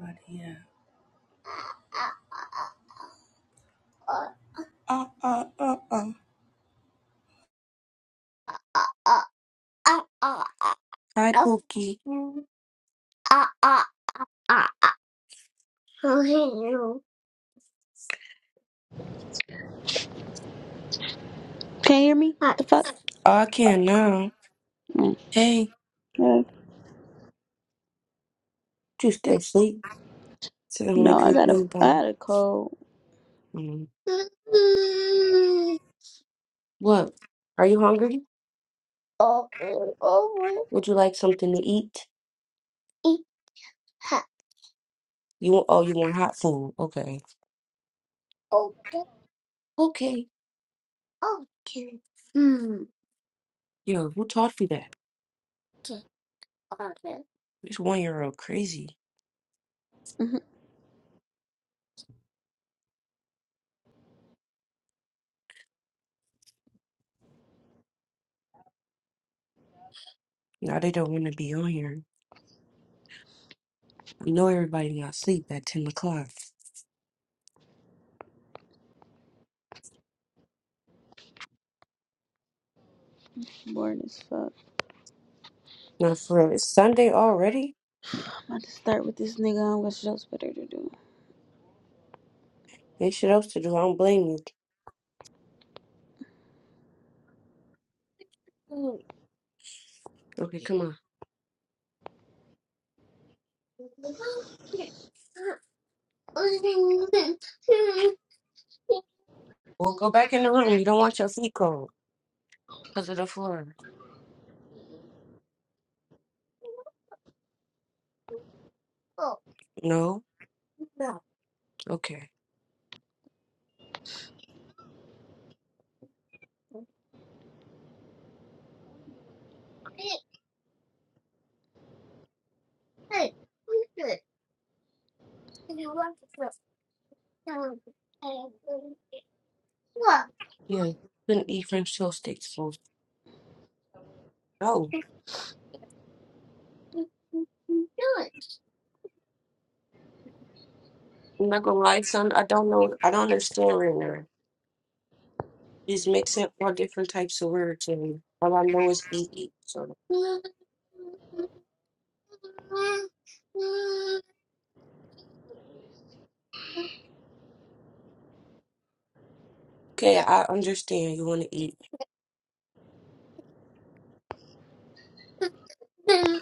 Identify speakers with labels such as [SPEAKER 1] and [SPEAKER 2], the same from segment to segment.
[SPEAKER 1] But yeah. Uh, uh, uh, uh. Uh, uh, uh, uh, Hi, uh, Hi, Pookie. uh, uh, uh, uh, you.
[SPEAKER 2] Can you hear me?
[SPEAKER 1] Uh,
[SPEAKER 2] The fuck?
[SPEAKER 1] Oh, I can now.
[SPEAKER 2] Mm.
[SPEAKER 1] Hey,
[SPEAKER 2] Yeah.
[SPEAKER 1] you stay asleep. So I'm like,
[SPEAKER 2] No, I
[SPEAKER 1] good
[SPEAKER 2] got a
[SPEAKER 1] night,
[SPEAKER 2] I
[SPEAKER 1] Mama.
[SPEAKER 2] had a cold.
[SPEAKER 1] Mm. What? Are you hungry? Oh, oh, Would you like something to eat? eat hot. You want, oh, you want hot food. Okay. Oh, Okay. okay. Mm, Yo, who taught you that? okay. This one year old crazy.
[SPEAKER 2] Mhm.
[SPEAKER 1] Now they don't want to be on here. I know everybody not sleep at 10 o'clock.
[SPEAKER 2] Boring as fuck.
[SPEAKER 1] Not for real. It's Sunday already?
[SPEAKER 2] I'm about to start with this nigga. I'm gonna show us better to do.
[SPEAKER 1] Ain't shit else to do. I don't blame you. Mm. Okay, come on. Well, go back in the room. You don't want your feet cold because of the floor. Oh. No? No. Okay. Yeah, couldn't eat French toast sticks. So, no. I'm not gonna lie, son. I don't know. I don't understand right now. He's mixing all different types of words, and all I know is eat, eat. So okay, I understand. You want to eat. I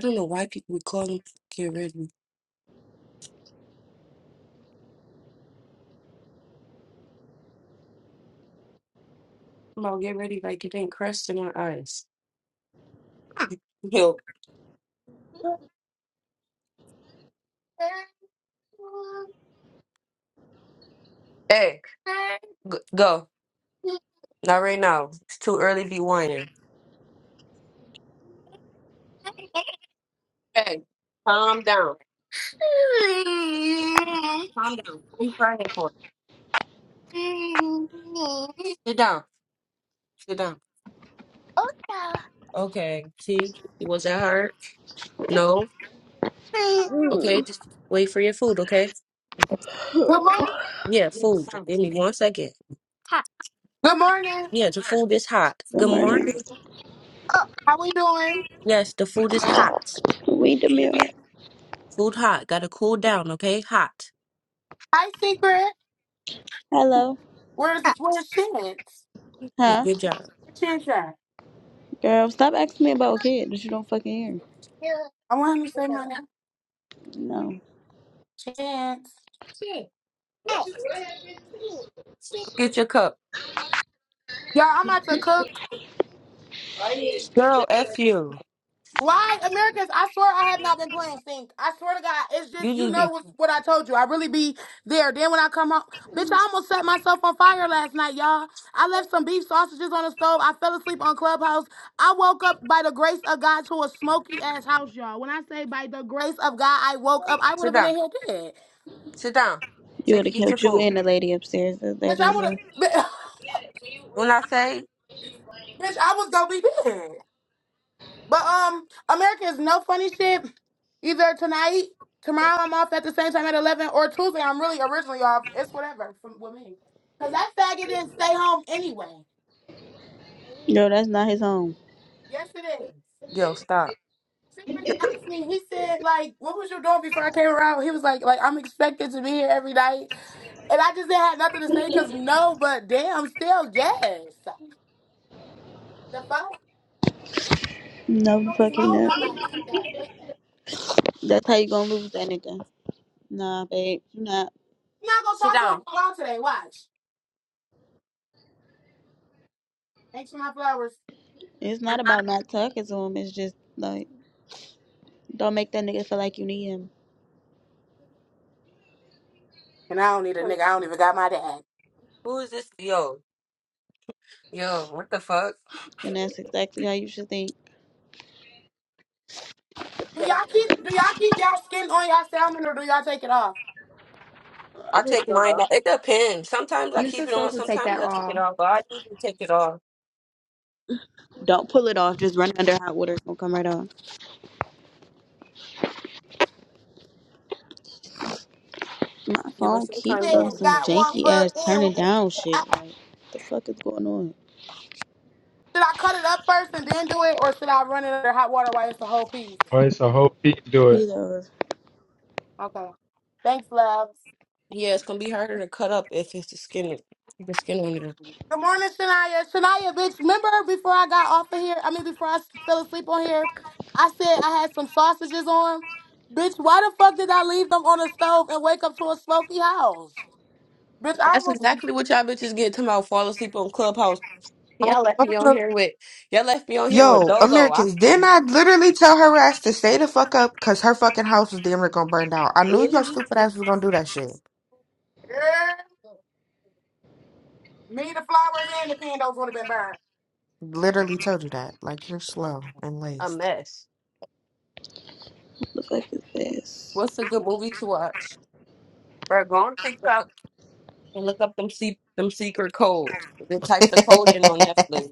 [SPEAKER 1] don't know why people would call him get ready. Come on, get ready. Like it ain't crust in my eyes. Yo, hey, g- go. Not right now. It's too early. to Be whining. Hey, calm down. Calm down. What are you crying for? Sit down. Sit down. Okay. See, was that hard? No. Okay,
[SPEAKER 2] Mm.
[SPEAKER 1] just wait for your food, okay?
[SPEAKER 3] Good morning.
[SPEAKER 1] Yeah, food. Give me one second.
[SPEAKER 3] Good morning.
[SPEAKER 1] Yeah, the food is hot.
[SPEAKER 2] Good
[SPEAKER 1] Good
[SPEAKER 2] morning.
[SPEAKER 1] morning.
[SPEAKER 3] How we doing?
[SPEAKER 1] Yes, the food is hot.
[SPEAKER 2] We the mirror.
[SPEAKER 1] Food hot. Gotta cool down, okay? Hot.
[SPEAKER 3] Hi, Secret.
[SPEAKER 2] Hello.
[SPEAKER 3] Where's where's Chance?
[SPEAKER 1] Yeah,
[SPEAKER 2] Huh?
[SPEAKER 1] good job.
[SPEAKER 3] Where Chance at?
[SPEAKER 2] Girl, stop asking me about a kid that you don't fucking
[SPEAKER 3] I want him to say my name.
[SPEAKER 2] hear. No.
[SPEAKER 3] Chance.
[SPEAKER 1] Go Get your cup.
[SPEAKER 3] Y'all, I'm about to cook.
[SPEAKER 1] Girl, F you.
[SPEAKER 3] Why, Americans? I swear I have not been playing stink. I swear to God, it's
[SPEAKER 1] You
[SPEAKER 3] just you
[SPEAKER 1] just
[SPEAKER 3] know
[SPEAKER 1] be.
[SPEAKER 3] what, what I told you. I really be there. Then when I come home, bitch, I almost set myself on fire last night, y'all. I left some beef sausages on the stove. I fell asleep on Clubhouse. I woke up by the grace of God to a smoky ass house, y'all. When I say by the grace of God, I woke up. I would
[SPEAKER 1] Sit
[SPEAKER 3] have been
[SPEAKER 1] down.
[SPEAKER 3] in here dead,
[SPEAKER 1] Sit down.
[SPEAKER 2] You
[SPEAKER 1] So you
[SPEAKER 2] would have
[SPEAKER 1] can eat your
[SPEAKER 2] killed you
[SPEAKER 1] food.
[SPEAKER 2] and the lady upstairs. That, that
[SPEAKER 3] bitch. I
[SPEAKER 2] is
[SPEAKER 3] would
[SPEAKER 2] a...
[SPEAKER 3] have,
[SPEAKER 1] When I say,
[SPEAKER 3] bitch. I was gonna be dead. But um, America is no funny shit. Either tonight, tomorrow I'm off at the same time at eleven, or Tuesday I'm really originally off. It's whatever from with me, cause that faggot didn't stay home anyway.
[SPEAKER 2] No, that's not his home.
[SPEAKER 3] Yes, it is.
[SPEAKER 1] yo, stop.
[SPEAKER 3] See, when He asked me. He said, "Like, what was you doing before I came around?" He was like, "Like, I'm expected to be here every night," and I just didn't have nothing to say because no, but damn, still yes. The fuck?
[SPEAKER 2] No,
[SPEAKER 3] I
[SPEAKER 2] the
[SPEAKER 3] was
[SPEAKER 2] fuck he
[SPEAKER 3] home
[SPEAKER 2] not.
[SPEAKER 3] nobody like that. But
[SPEAKER 2] That's how you gonna lose that nigga. Nah, babe. You not.
[SPEAKER 3] I'm not gonna
[SPEAKER 1] Sit
[SPEAKER 3] talk to
[SPEAKER 1] down.
[SPEAKER 3] him at all today. Watch. Thanks for my flowers.
[SPEAKER 2] It's not about not talking to him. It's just like... Don't make that nigga feel like you need him.
[SPEAKER 3] And I don't need a nigga. I don't even got my dad.
[SPEAKER 1] Who is this? Yo. Yo, what the fuck?
[SPEAKER 2] And that's exactly how you should think.
[SPEAKER 3] Do y'all keep do y'all keep y'all skin on y'all salmon or do y'all take it off?
[SPEAKER 1] I take mine out. It depends. Sometimes I
[SPEAKER 4] You are
[SPEAKER 1] keep it on.
[SPEAKER 4] supposed to take
[SPEAKER 1] Sometimes
[SPEAKER 4] that
[SPEAKER 1] I take it
[SPEAKER 4] off.
[SPEAKER 1] off. But I usually take it off.
[SPEAKER 2] Don't pull it off. Just run it under hot water. It's gonna come right off. My
[SPEAKER 1] Yeah, but
[SPEAKER 2] phone keep
[SPEAKER 1] sometimes I
[SPEAKER 2] doing
[SPEAKER 3] Yeah,
[SPEAKER 1] take
[SPEAKER 2] some
[SPEAKER 1] it
[SPEAKER 3] got
[SPEAKER 1] off.
[SPEAKER 3] one
[SPEAKER 2] janky
[SPEAKER 3] foot
[SPEAKER 2] ass
[SPEAKER 3] in. one
[SPEAKER 2] turning down
[SPEAKER 3] foot out.
[SPEAKER 2] shit. Like, what the fuck is going on?
[SPEAKER 3] Should I cut it up first and then do it, or should I run it under hot water while it's the whole piece?
[SPEAKER 5] Oh, it's a whole peak do it.
[SPEAKER 2] Either
[SPEAKER 3] Okay. Thanks, loves.
[SPEAKER 1] Yeah, it's going to be harder to cut up if it's the skin. The skin on there.
[SPEAKER 3] Good morning, Shania. Shania, bitch. Remember before I got off of here? I mean, before I s- fell asleep on here, I said I had some sausages on. Bitch, why the fuck did I leave them on the stove and wake up to a smoky house? Bitch, I
[SPEAKER 1] That's
[SPEAKER 3] was.
[SPEAKER 1] exactly what y'all bitches get to about fall asleep on Clubhouse.
[SPEAKER 6] I
[SPEAKER 1] Y'all left
[SPEAKER 6] told
[SPEAKER 1] me on
[SPEAKER 6] her,
[SPEAKER 1] here with y'all left me on here with
[SPEAKER 6] yo,
[SPEAKER 1] Dolo.
[SPEAKER 6] Americans, didn't I literally tell her ass to stay the fuck up because her fucking house was damn near gonna burn down? I knew your
[SPEAKER 1] It's
[SPEAKER 6] stupid ass was gonna do that shit.
[SPEAKER 3] Me, the flowers, and the candles would have been burned.
[SPEAKER 6] Literally told you that. Like, you're slow and
[SPEAKER 1] a
[SPEAKER 6] laced.
[SPEAKER 1] mess.
[SPEAKER 2] look like his ass.
[SPEAKER 1] What's a good movie to watch? Bro, go on TikTok and look up them se- them secret codes. They type
[SPEAKER 6] if
[SPEAKER 1] the code in on Netflix.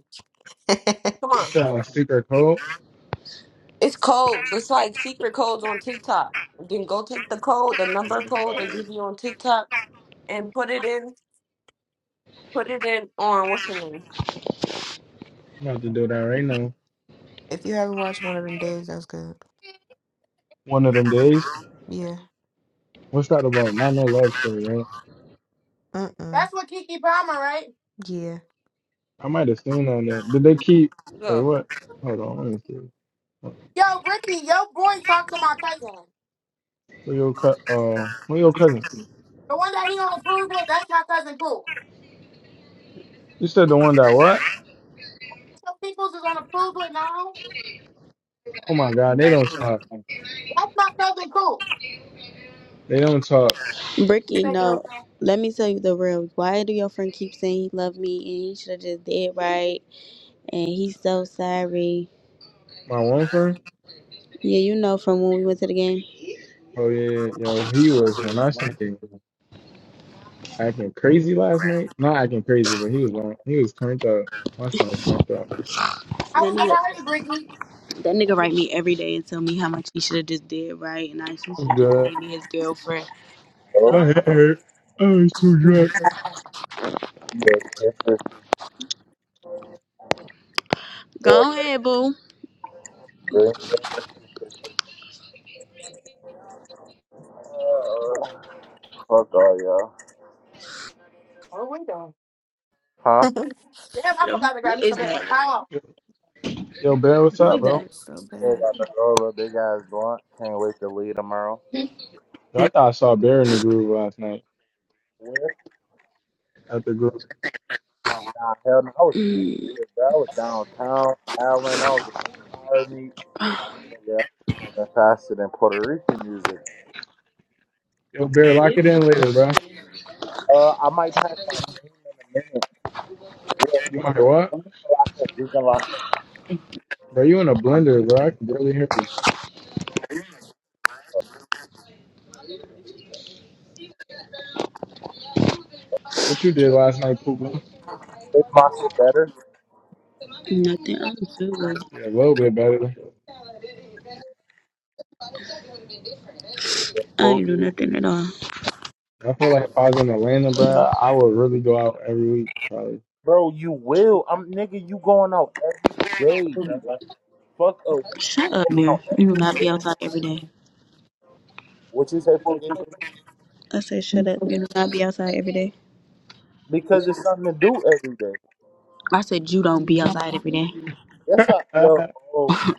[SPEAKER 1] Come
[SPEAKER 5] It
[SPEAKER 1] on.
[SPEAKER 5] sounds super cold.
[SPEAKER 1] It's codes. It's like secret codes on TikTok. Then go take the code, the
[SPEAKER 5] I'm
[SPEAKER 1] number code that you be on TikTok and put it in put it in on what's the name?
[SPEAKER 5] about to do that right now.
[SPEAKER 6] you haven't watched one of them days, that's good.
[SPEAKER 5] One of them days.
[SPEAKER 6] Yeah.
[SPEAKER 5] What's that about? Not no love story, right?
[SPEAKER 6] Mm-mm.
[SPEAKER 3] That's what Kiki Palmer, right?
[SPEAKER 6] Yeah.
[SPEAKER 5] I might have seen that. Then. Did they keep? Wait,
[SPEAKER 1] Go.
[SPEAKER 5] what? Hold on, let me see. Hold on.
[SPEAKER 3] Yo, Brittany, your boy talked to my cousin.
[SPEAKER 5] Who your cu- uh, who your cousin?
[SPEAKER 3] The one that he on approve with, that's my cousin Cool.
[SPEAKER 5] You said the one that what?
[SPEAKER 3] So people's is on approve with now.
[SPEAKER 5] Oh my God, they don't talk.
[SPEAKER 3] That's my cousin Cool.
[SPEAKER 5] They don't talk.
[SPEAKER 2] Bricky,
[SPEAKER 3] Thank you.
[SPEAKER 2] no. Let me tell you the real. Why do your friend keep saying he loved me and he should have just did right and he's so sorry?
[SPEAKER 5] My one friend.
[SPEAKER 2] Yeah, you know from when we went to the game.
[SPEAKER 5] Oh yeah, yeah, yeah. yo, he was when I say acting crazy last night. Not acting crazy, but he was on. He was turned up. My son was turned up.
[SPEAKER 3] I was
[SPEAKER 2] None
[SPEAKER 3] the
[SPEAKER 2] of your
[SPEAKER 3] party, Brittany.
[SPEAKER 2] That nigga write me every day and tell me how much he should have just did right, and I he
[SPEAKER 5] It
[SPEAKER 2] should
[SPEAKER 5] was
[SPEAKER 2] have just
[SPEAKER 5] good.
[SPEAKER 2] made me his girlfriend.
[SPEAKER 5] My
[SPEAKER 2] Go,
[SPEAKER 5] head.
[SPEAKER 7] Oh,
[SPEAKER 5] hurt. Oh, he's too drunk.
[SPEAKER 7] yeah, this is, yeah,
[SPEAKER 2] go ahead, boo.
[SPEAKER 7] bring me up with this shit. Fuck all y'all.
[SPEAKER 3] Oh, we done.
[SPEAKER 7] Huh?
[SPEAKER 6] My
[SPEAKER 3] Damn, I
[SPEAKER 2] Who
[SPEAKER 3] forgot to grab me
[SPEAKER 2] is
[SPEAKER 3] some
[SPEAKER 2] that?
[SPEAKER 3] paper. Time
[SPEAKER 5] Yo, Bear, what's
[SPEAKER 2] Who
[SPEAKER 5] up,
[SPEAKER 6] back
[SPEAKER 2] is that?
[SPEAKER 5] bro?
[SPEAKER 6] hurts so
[SPEAKER 7] Yeah,
[SPEAKER 6] bad.
[SPEAKER 7] got the roll up, big ass blunt. Can't wait to leave tomorrow.
[SPEAKER 5] Yo, I thought I saw Bear in the groove last night
[SPEAKER 7] Where?
[SPEAKER 5] at the group.
[SPEAKER 7] Nah, hell no. I was
[SPEAKER 2] Mm,
[SPEAKER 7] everywhere, bro. I was downtown, Allen. I was at the car meet.
[SPEAKER 2] oh,
[SPEAKER 7] Nigga, I'm faster than Puerto Rican music.
[SPEAKER 5] Yo, Bear, lock it in later, bro.
[SPEAKER 7] Uh, I might pack my game in a minute. Yeah,
[SPEAKER 5] You want to what?
[SPEAKER 7] nah, I can- we can lock it.
[SPEAKER 5] Bro, you in a blender, bro. I can barely hear you. What you did last night, Poopa?
[SPEAKER 7] Make my shit better.
[SPEAKER 2] nothing. I don't feel good.
[SPEAKER 5] Yeah, a little bit better.
[SPEAKER 7] Yeah,
[SPEAKER 2] I ain't do
[SPEAKER 7] Pokey.
[SPEAKER 2] nothing at all.
[SPEAKER 5] I feel like if I was in Atlanta, bro,
[SPEAKER 2] Yeah.
[SPEAKER 5] I would really go out every week, probably.
[SPEAKER 7] Bro, you will. I'm nigga. You going out every day, bro. Fuck a week
[SPEAKER 2] Shut
[SPEAKER 7] you
[SPEAKER 2] up,
[SPEAKER 7] going
[SPEAKER 2] Mary.
[SPEAKER 7] out. every-
[SPEAKER 2] You do not be outside every day.
[SPEAKER 7] What you say, Pookie?
[SPEAKER 2] I said, shut up. You do not be outside every day.
[SPEAKER 7] Because it's something to do every day.
[SPEAKER 2] I said, you don't be outside every day.
[SPEAKER 7] That's not, yo. Oh my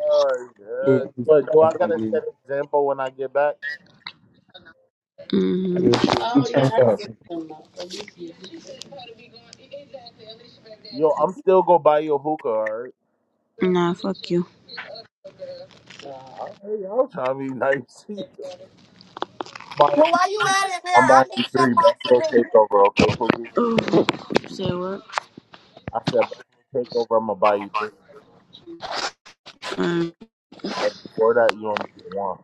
[SPEAKER 7] god. yes.
[SPEAKER 5] Poop.
[SPEAKER 7] What do I gotta set an example when I get back?
[SPEAKER 2] Mm-hmm.
[SPEAKER 5] Yeah, she
[SPEAKER 2] Oh, yeah,
[SPEAKER 5] turned
[SPEAKER 2] I don't
[SPEAKER 5] up.
[SPEAKER 2] get that.
[SPEAKER 7] Yo, I'm still gonna buy you a hookah. All right.
[SPEAKER 2] Nah, fuck you.
[SPEAKER 7] All right, y'all trying to be nice. I'm buying
[SPEAKER 3] Well,
[SPEAKER 7] you
[SPEAKER 3] while you
[SPEAKER 7] three.
[SPEAKER 3] at it, Vera,
[SPEAKER 7] I'm
[SPEAKER 3] I
[SPEAKER 7] buying you
[SPEAKER 3] need some
[SPEAKER 7] three
[SPEAKER 3] pots
[SPEAKER 7] Buffalo
[SPEAKER 3] and pans.
[SPEAKER 7] Takeover. Okay, Pookie.
[SPEAKER 2] Oh, Say what?
[SPEAKER 7] I said Buffalo Takeover. I'm gonna buy you three. But before that, you only get one.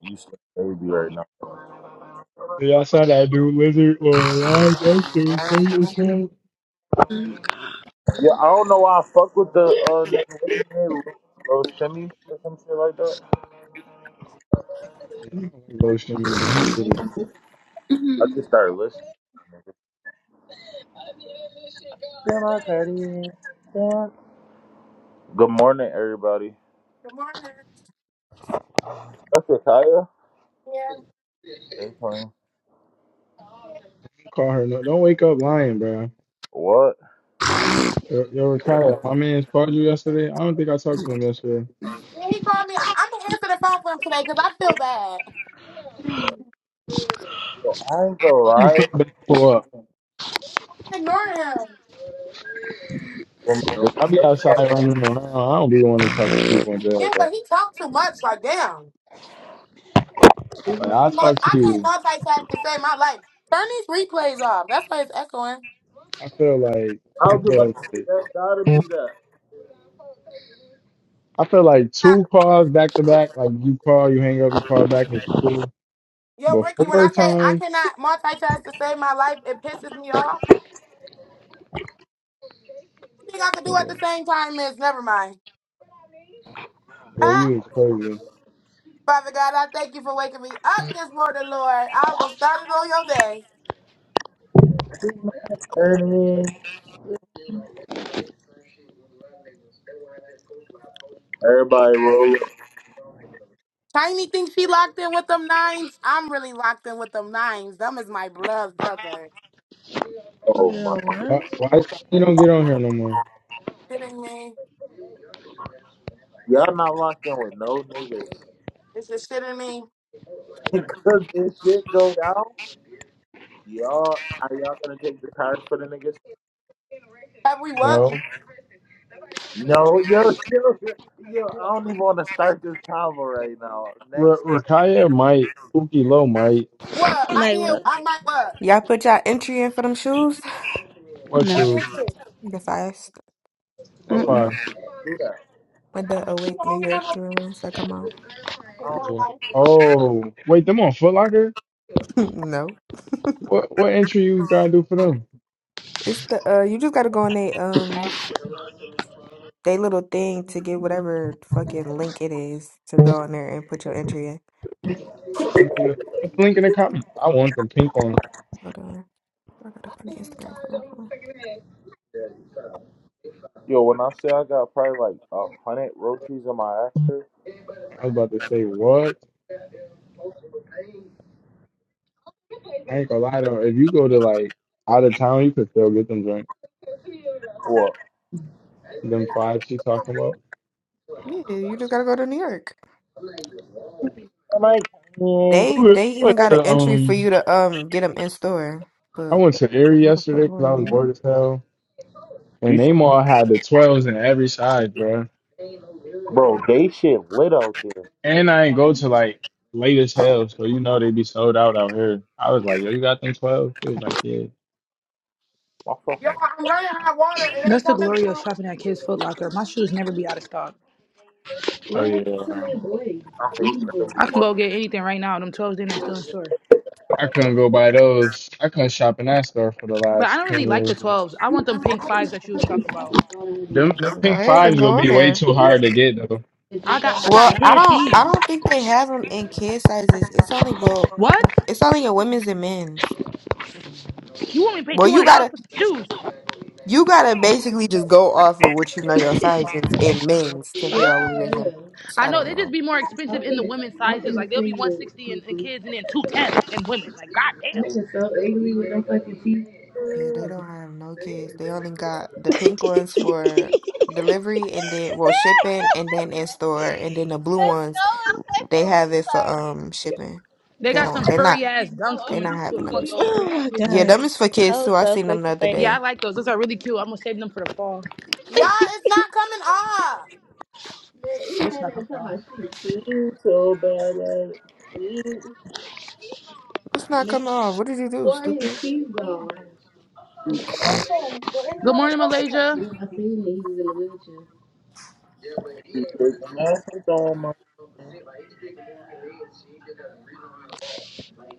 [SPEAKER 7] You still baby right now.
[SPEAKER 5] Did Y'all saw that dude Lizard on live? That shit was
[SPEAKER 2] Um,
[SPEAKER 5] funny as hell.
[SPEAKER 2] Oh my god.
[SPEAKER 7] Yeah, I don't know why I fuck with the uh nigga. What's his name? Lil Lil Shimmy or some shit like that.
[SPEAKER 5] Yeah, I don't like Low Shimmy, bro. He put a
[SPEAKER 7] I
[SPEAKER 2] hmm
[SPEAKER 7] just started listening. Damn, I heard it. Damn. Good morning, everybody.
[SPEAKER 3] Good morning.
[SPEAKER 7] That's it, Kaya.
[SPEAKER 3] Yeah.
[SPEAKER 7] Hey, Tony.
[SPEAKER 5] call her. No, don't wake up lying, bro.
[SPEAKER 7] What?
[SPEAKER 5] Yo, yo Ricardo, my man called you yesterday. I don't think I talked to him yesterday.
[SPEAKER 3] Yeah, he called me. I- I'm gonna answer the phone for him today because I feel bad.
[SPEAKER 5] You
[SPEAKER 7] Yo, I ain't gonna
[SPEAKER 5] feel
[SPEAKER 7] lie.
[SPEAKER 5] bad pull up.
[SPEAKER 3] I'm ignoring him.
[SPEAKER 7] The-
[SPEAKER 5] bro.
[SPEAKER 7] the-
[SPEAKER 5] I be outside running around. I don't be wanting to talk to people in jail,
[SPEAKER 3] Yeah, but
[SPEAKER 5] bro.
[SPEAKER 3] he talked too much. Like, damn.
[SPEAKER 5] Like I
[SPEAKER 3] Mo-
[SPEAKER 5] talk to
[SPEAKER 3] I can't
[SPEAKER 5] you.
[SPEAKER 3] modify facts to save my life. Turn these replays off. That's why it's echoing.
[SPEAKER 5] I feel like
[SPEAKER 7] I
[SPEAKER 5] I
[SPEAKER 7] was
[SPEAKER 5] feel
[SPEAKER 7] about to say
[SPEAKER 5] like-
[SPEAKER 7] that gotta be that.
[SPEAKER 5] I feel like
[SPEAKER 3] Uh,
[SPEAKER 5] two calls back to back. Like you call, you hang up, you call back. It's cool.
[SPEAKER 3] Yo,
[SPEAKER 5] But
[SPEAKER 3] Bricky, when
[SPEAKER 5] four
[SPEAKER 3] I say I
[SPEAKER 5] times,
[SPEAKER 3] cannot multitask to save my life, it pisses me off. You think I could
[SPEAKER 5] yeah,
[SPEAKER 3] do at the same time is never mind.
[SPEAKER 5] yo,
[SPEAKER 3] Huh?
[SPEAKER 5] you is crazy.
[SPEAKER 3] Father God, I thank you for waking me up this morning, Lord. I almost started on your day.
[SPEAKER 7] Ernie. Everybody roll up.
[SPEAKER 3] Tiny thinks she locked in with them nines. I'm really locked in with them nines. Them is my blood brother.
[SPEAKER 7] Oh my.
[SPEAKER 2] Girl, what?
[SPEAKER 5] Why, why you don't get on here no more?
[SPEAKER 3] Shitting me.
[SPEAKER 7] Y'all not locked in with no niggas.
[SPEAKER 3] This is shitting me.
[SPEAKER 7] Because this shit go down, y'all are y'all gonna take the tires for the niggas?
[SPEAKER 3] Have we what?
[SPEAKER 5] No,
[SPEAKER 7] No, yo, yo, yo, I don't even wanna start this convo right now.
[SPEAKER 5] R-
[SPEAKER 7] Next.
[SPEAKER 5] Rakaya might, Uki Low might.
[SPEAKER 3] What? I
[SPEAKER 2] Like
[SPEAKER 3] did.
[SPEAKER 2] what?
[SPEAKER 3] I might what?
[SPEAKER 6] Y'all put y'all entry in for them shoes?
[SPEAKER 5] What
[SPEAKER 2] No.
[SPEAKER 3] What
[SPEAKER 5] shoes?
[SPEAKER 3] is it?
[SPEAKER 6] The fast.
[SPEAKER 5] What
[SPEAKER 7] oh,
[SPEAKER 2] Mm-mm.
[SPEAKER 5] five?
[SPEAKER 7] do that.
[SPEAKER 6] With The
[SPEAKER 3] Bitch, you the
[SPEAKER 6] awake New
[SPEAKER 3] only
[SPEAKER 6] York
[SPEAKER 3] one
[SPEAKER 6] journals that come out.
[SPEAKER 7] I don't
[SPEAKER 5] Yeah.
[SPEAKER 3] Y'all,
[SPEAKER 7] care.
[SPEAKER 5] Oh, wait, them on Foot Locker?
[SPEAKER 6] no.
[SPEAKER 5] What what entry you gotta do for them?
[SPEAKER 6] It's the uh you just gotta go on they um they little thing to get whatever fucking link it is to go on there and put your entry in.
[SPEAKER 5] Send me the put the link in the comment. I want them pink on.
[SPEAKER 6] Hold on. I gotta go to Instagram for my phone.
[SPEAKER 7] Yo, when I say I got probably like a hundred roaches in my actor,
[SPEAKER 5] I was about to say what? I ain't gonna lie though. If you go to like out of town, you could still get them drink.
[SPEAKER 7] what?
[SPEAKER 5] Them five she talking about.
[SPEAKER 6] Yeah, you just gotta go to New York.
[SPEAKER 7] Am I coming?
[SPEAKER 5] I
[SPEAKER 6] They
[SPEAKER 5] went
[SPEAKER 6] they
[SPEAKER 5] I
[SPEAKER 6] even
[SPEAKER 5] went
[SPEAKER 6] got an
[SPEAKER 5] to
[SPEAKER 6] entry for
[SPEAKER 5] um
[SPEAKER 6] you to um get them in store.
[SPEAKER 5] I
[SPEAKER 6] But
[SPEAKER 5] went to Erie
[SPEAKER 6] what the fuck
[SPEAKER 5] yesterday because
[SPEAKER 6] going on
[SPEAKER 5] I
[SPEAKER 6] in
[SPEAKER 5] was
[SPEAKER 6] New York?
[SPEAKER 5] bored as hell.
[SPEAKER 7] You,
[SPEAKER 5] And
[SPEAKER 7] s-
[SPEAKER 5] they all had the twelves in every size, bro.
[SPEAKER 7] bro, they shit lit out there.
[SPEAKER 5] And I ain't go to like late as hell, so you know they be sold out out here. I was like, yo, you got them twelve? He was like, yeah.
[SPEAKER 7] My fucking,
[SPEAKER 3] I'm running hot water. It ain't
[SPEAKER 8] That's the
[SPEAKER 3] coming
[SPEAKER 8] glory of
[SPEAKER 3] off.
[SPEAKER 8] shopping at Kids Foot Locker. My shoes never be out of stock.
[SPEAKER 5] Oh yeah, wow.
[SPEAKER 7] I hate
[SPEAKER 8] I can
[SPEAKER 7] everyone.
[SPEAKER 8] go get anything right now. Them 12s in there still in store.
[SPEAKER 5] I couldn't go buy those. I couldn't shop in that store for the
[SPEAKER 8] But I
[SPEAKER 5] last
[SPEAKER 8] don't
[SPEAKER 5] ten
[SPEAKER 8] really like the
[SPEAKER 5] years.
[SPEAKER 8] 12s. I want them pink fives that you was talking about.
[SPEAKER 5] Them them
[SPEAKER 6] Go
[SPEAKER 5] pink
[SPEAKER 6] ahead and
[SPEAKER 5] fives gonna
[SPEAKER 6] go
[SPEAKER 5] be
[SPEAKER 6] on
[SPEAKER 5] way
[SPEAKER 6] there.
[SPEAKER 5] too hard to get though.
[SPEAKER 8] I got I got
[SPEAKER 6] Well, I
[SPEAKER 8] kid
[SPEAKER 6] don't I
[SPEAKER 8] feet.
[SPEAKER 6] don't think they have them in kid sizes. It's only well
[SPEAKER 8] What?
[SPEAKER 6] it's only in women's and men's.
[SPEAKER 8] You want me to pay
[SPEAKER 6] Well,
[SPEAKER 8] two hundred
[SPEAKER 6] you gotta
[SPEAKER 8] dollars for some shoes?
[SPEAKER 6] You gotta basically just go off of what you know your size is and men's to figure out what it is. And
[SPEAKER 8] I
[SPEAKER 6] I
[SPEAKER 8] know
[SPEAKER 6] don't
[SPEAKER 8] they just
[SPEAKER 6] know.
[SPEAKER 8] be more
[SPEAKER 2] I'm
[SPEAKER 8] expensive in the
[SPEAKER 2] finna,
[SPEAKER 8] women's
[SPEAKER 2] I'm
[SPEAKER 8] sizes. Like
[SPEAKER 2] finna
[SPEAKER 8] they'll
[SPEAKER 2] see
[SPEAKER 8] be one
[SPEAKER 2] you at
[SPEAKER 8] sixty in, in
[SPEAKER 2] TT.
[SPEAKER 8] kids and then two ten in women. Like goddamn.
[SPEAKER 2] Nigga so ugly with them fucking teeth.
[SPEAKER 6] Yeah, they don't have no kids. They only got the pink ones for delivery and then well shipping and then in store and then the blue ones they have it for um shipping.
[SPEAKER 8] They
[SPEAKER 6] They
[SPEAKER 8] got
[SPEAKER 6] don't.
[SPEAKER 8] some
[SPEAKER 6] They're not.
[SPEAKER 8] furry ass
[SPEAKER 2] No,
[SPEAKER 8] dunks
[SPEAKER 2] I'm
[SPEAKER 6] They're
[SPEAKER 8] coming
[SPEAKER 6] not
[SPEAKER 2] finna
[SPEAKER 8] out too.
[SPEAKER 2] see
[SPEAKER 6] having
[SPEAKER 8] I
[SPEAKER 2] you.
[SPEAKER 6] them
[SPEAKER 8] want
[SPEAKER 6] in
[SPEAKER 8] those.
[SPEAKER 6] store.
[SPEAKER 2] oh my
[SPEAKER 6] Yeah,
[SPEAKER 2] god.
[SPEAKER 6] them
[SPEAKER 2] hell.
[SPEAKER 6] is for kids too. I
[SPEAKER 2] so
[SPEAKER 6] seen them the
[SPEAKER 2] fucking
[SPEAKER 6] other
[SPEAKER 2] funny. Man,
[SPEAKER 8] Yeah, I
[SPEAKER 6] day.
[SPEAKER 8] like those. Those are really cute. I'm gonna save them for the fall.
[SPEAKER 3] Y'all, it's not coming off.
[SPEAKER 2] this man
[SPEAKER 8] What's not coming
[SPEAKER 2] ain't talking
[SPEAKER 8] off?
[SPEAKER 2] about shit.
[SPEAKER 7] You so bad at it. You
[SPEAKER 6] What's not
[SPEAKER 2] Man,
[SPEAKER 6] coming off? What did you do,
[SPEAKER 2] before
[SPEAKER 6] stupid?
[SPEAKER 2] his teeth gone,
[SPEAKER 7] you-
[SPEAKER 3] It's open. We're in
[SPEAKER 8] Good
[SPEAKER 3] another
[SPEAKER 8] morning,
[SPEAKER 3] oven.
[SPEAKER 8] Malaysia.
[SPEAKER 2] when I seen him, he was in a wheelchair.
[SPEAKER 7] you taking ass on my.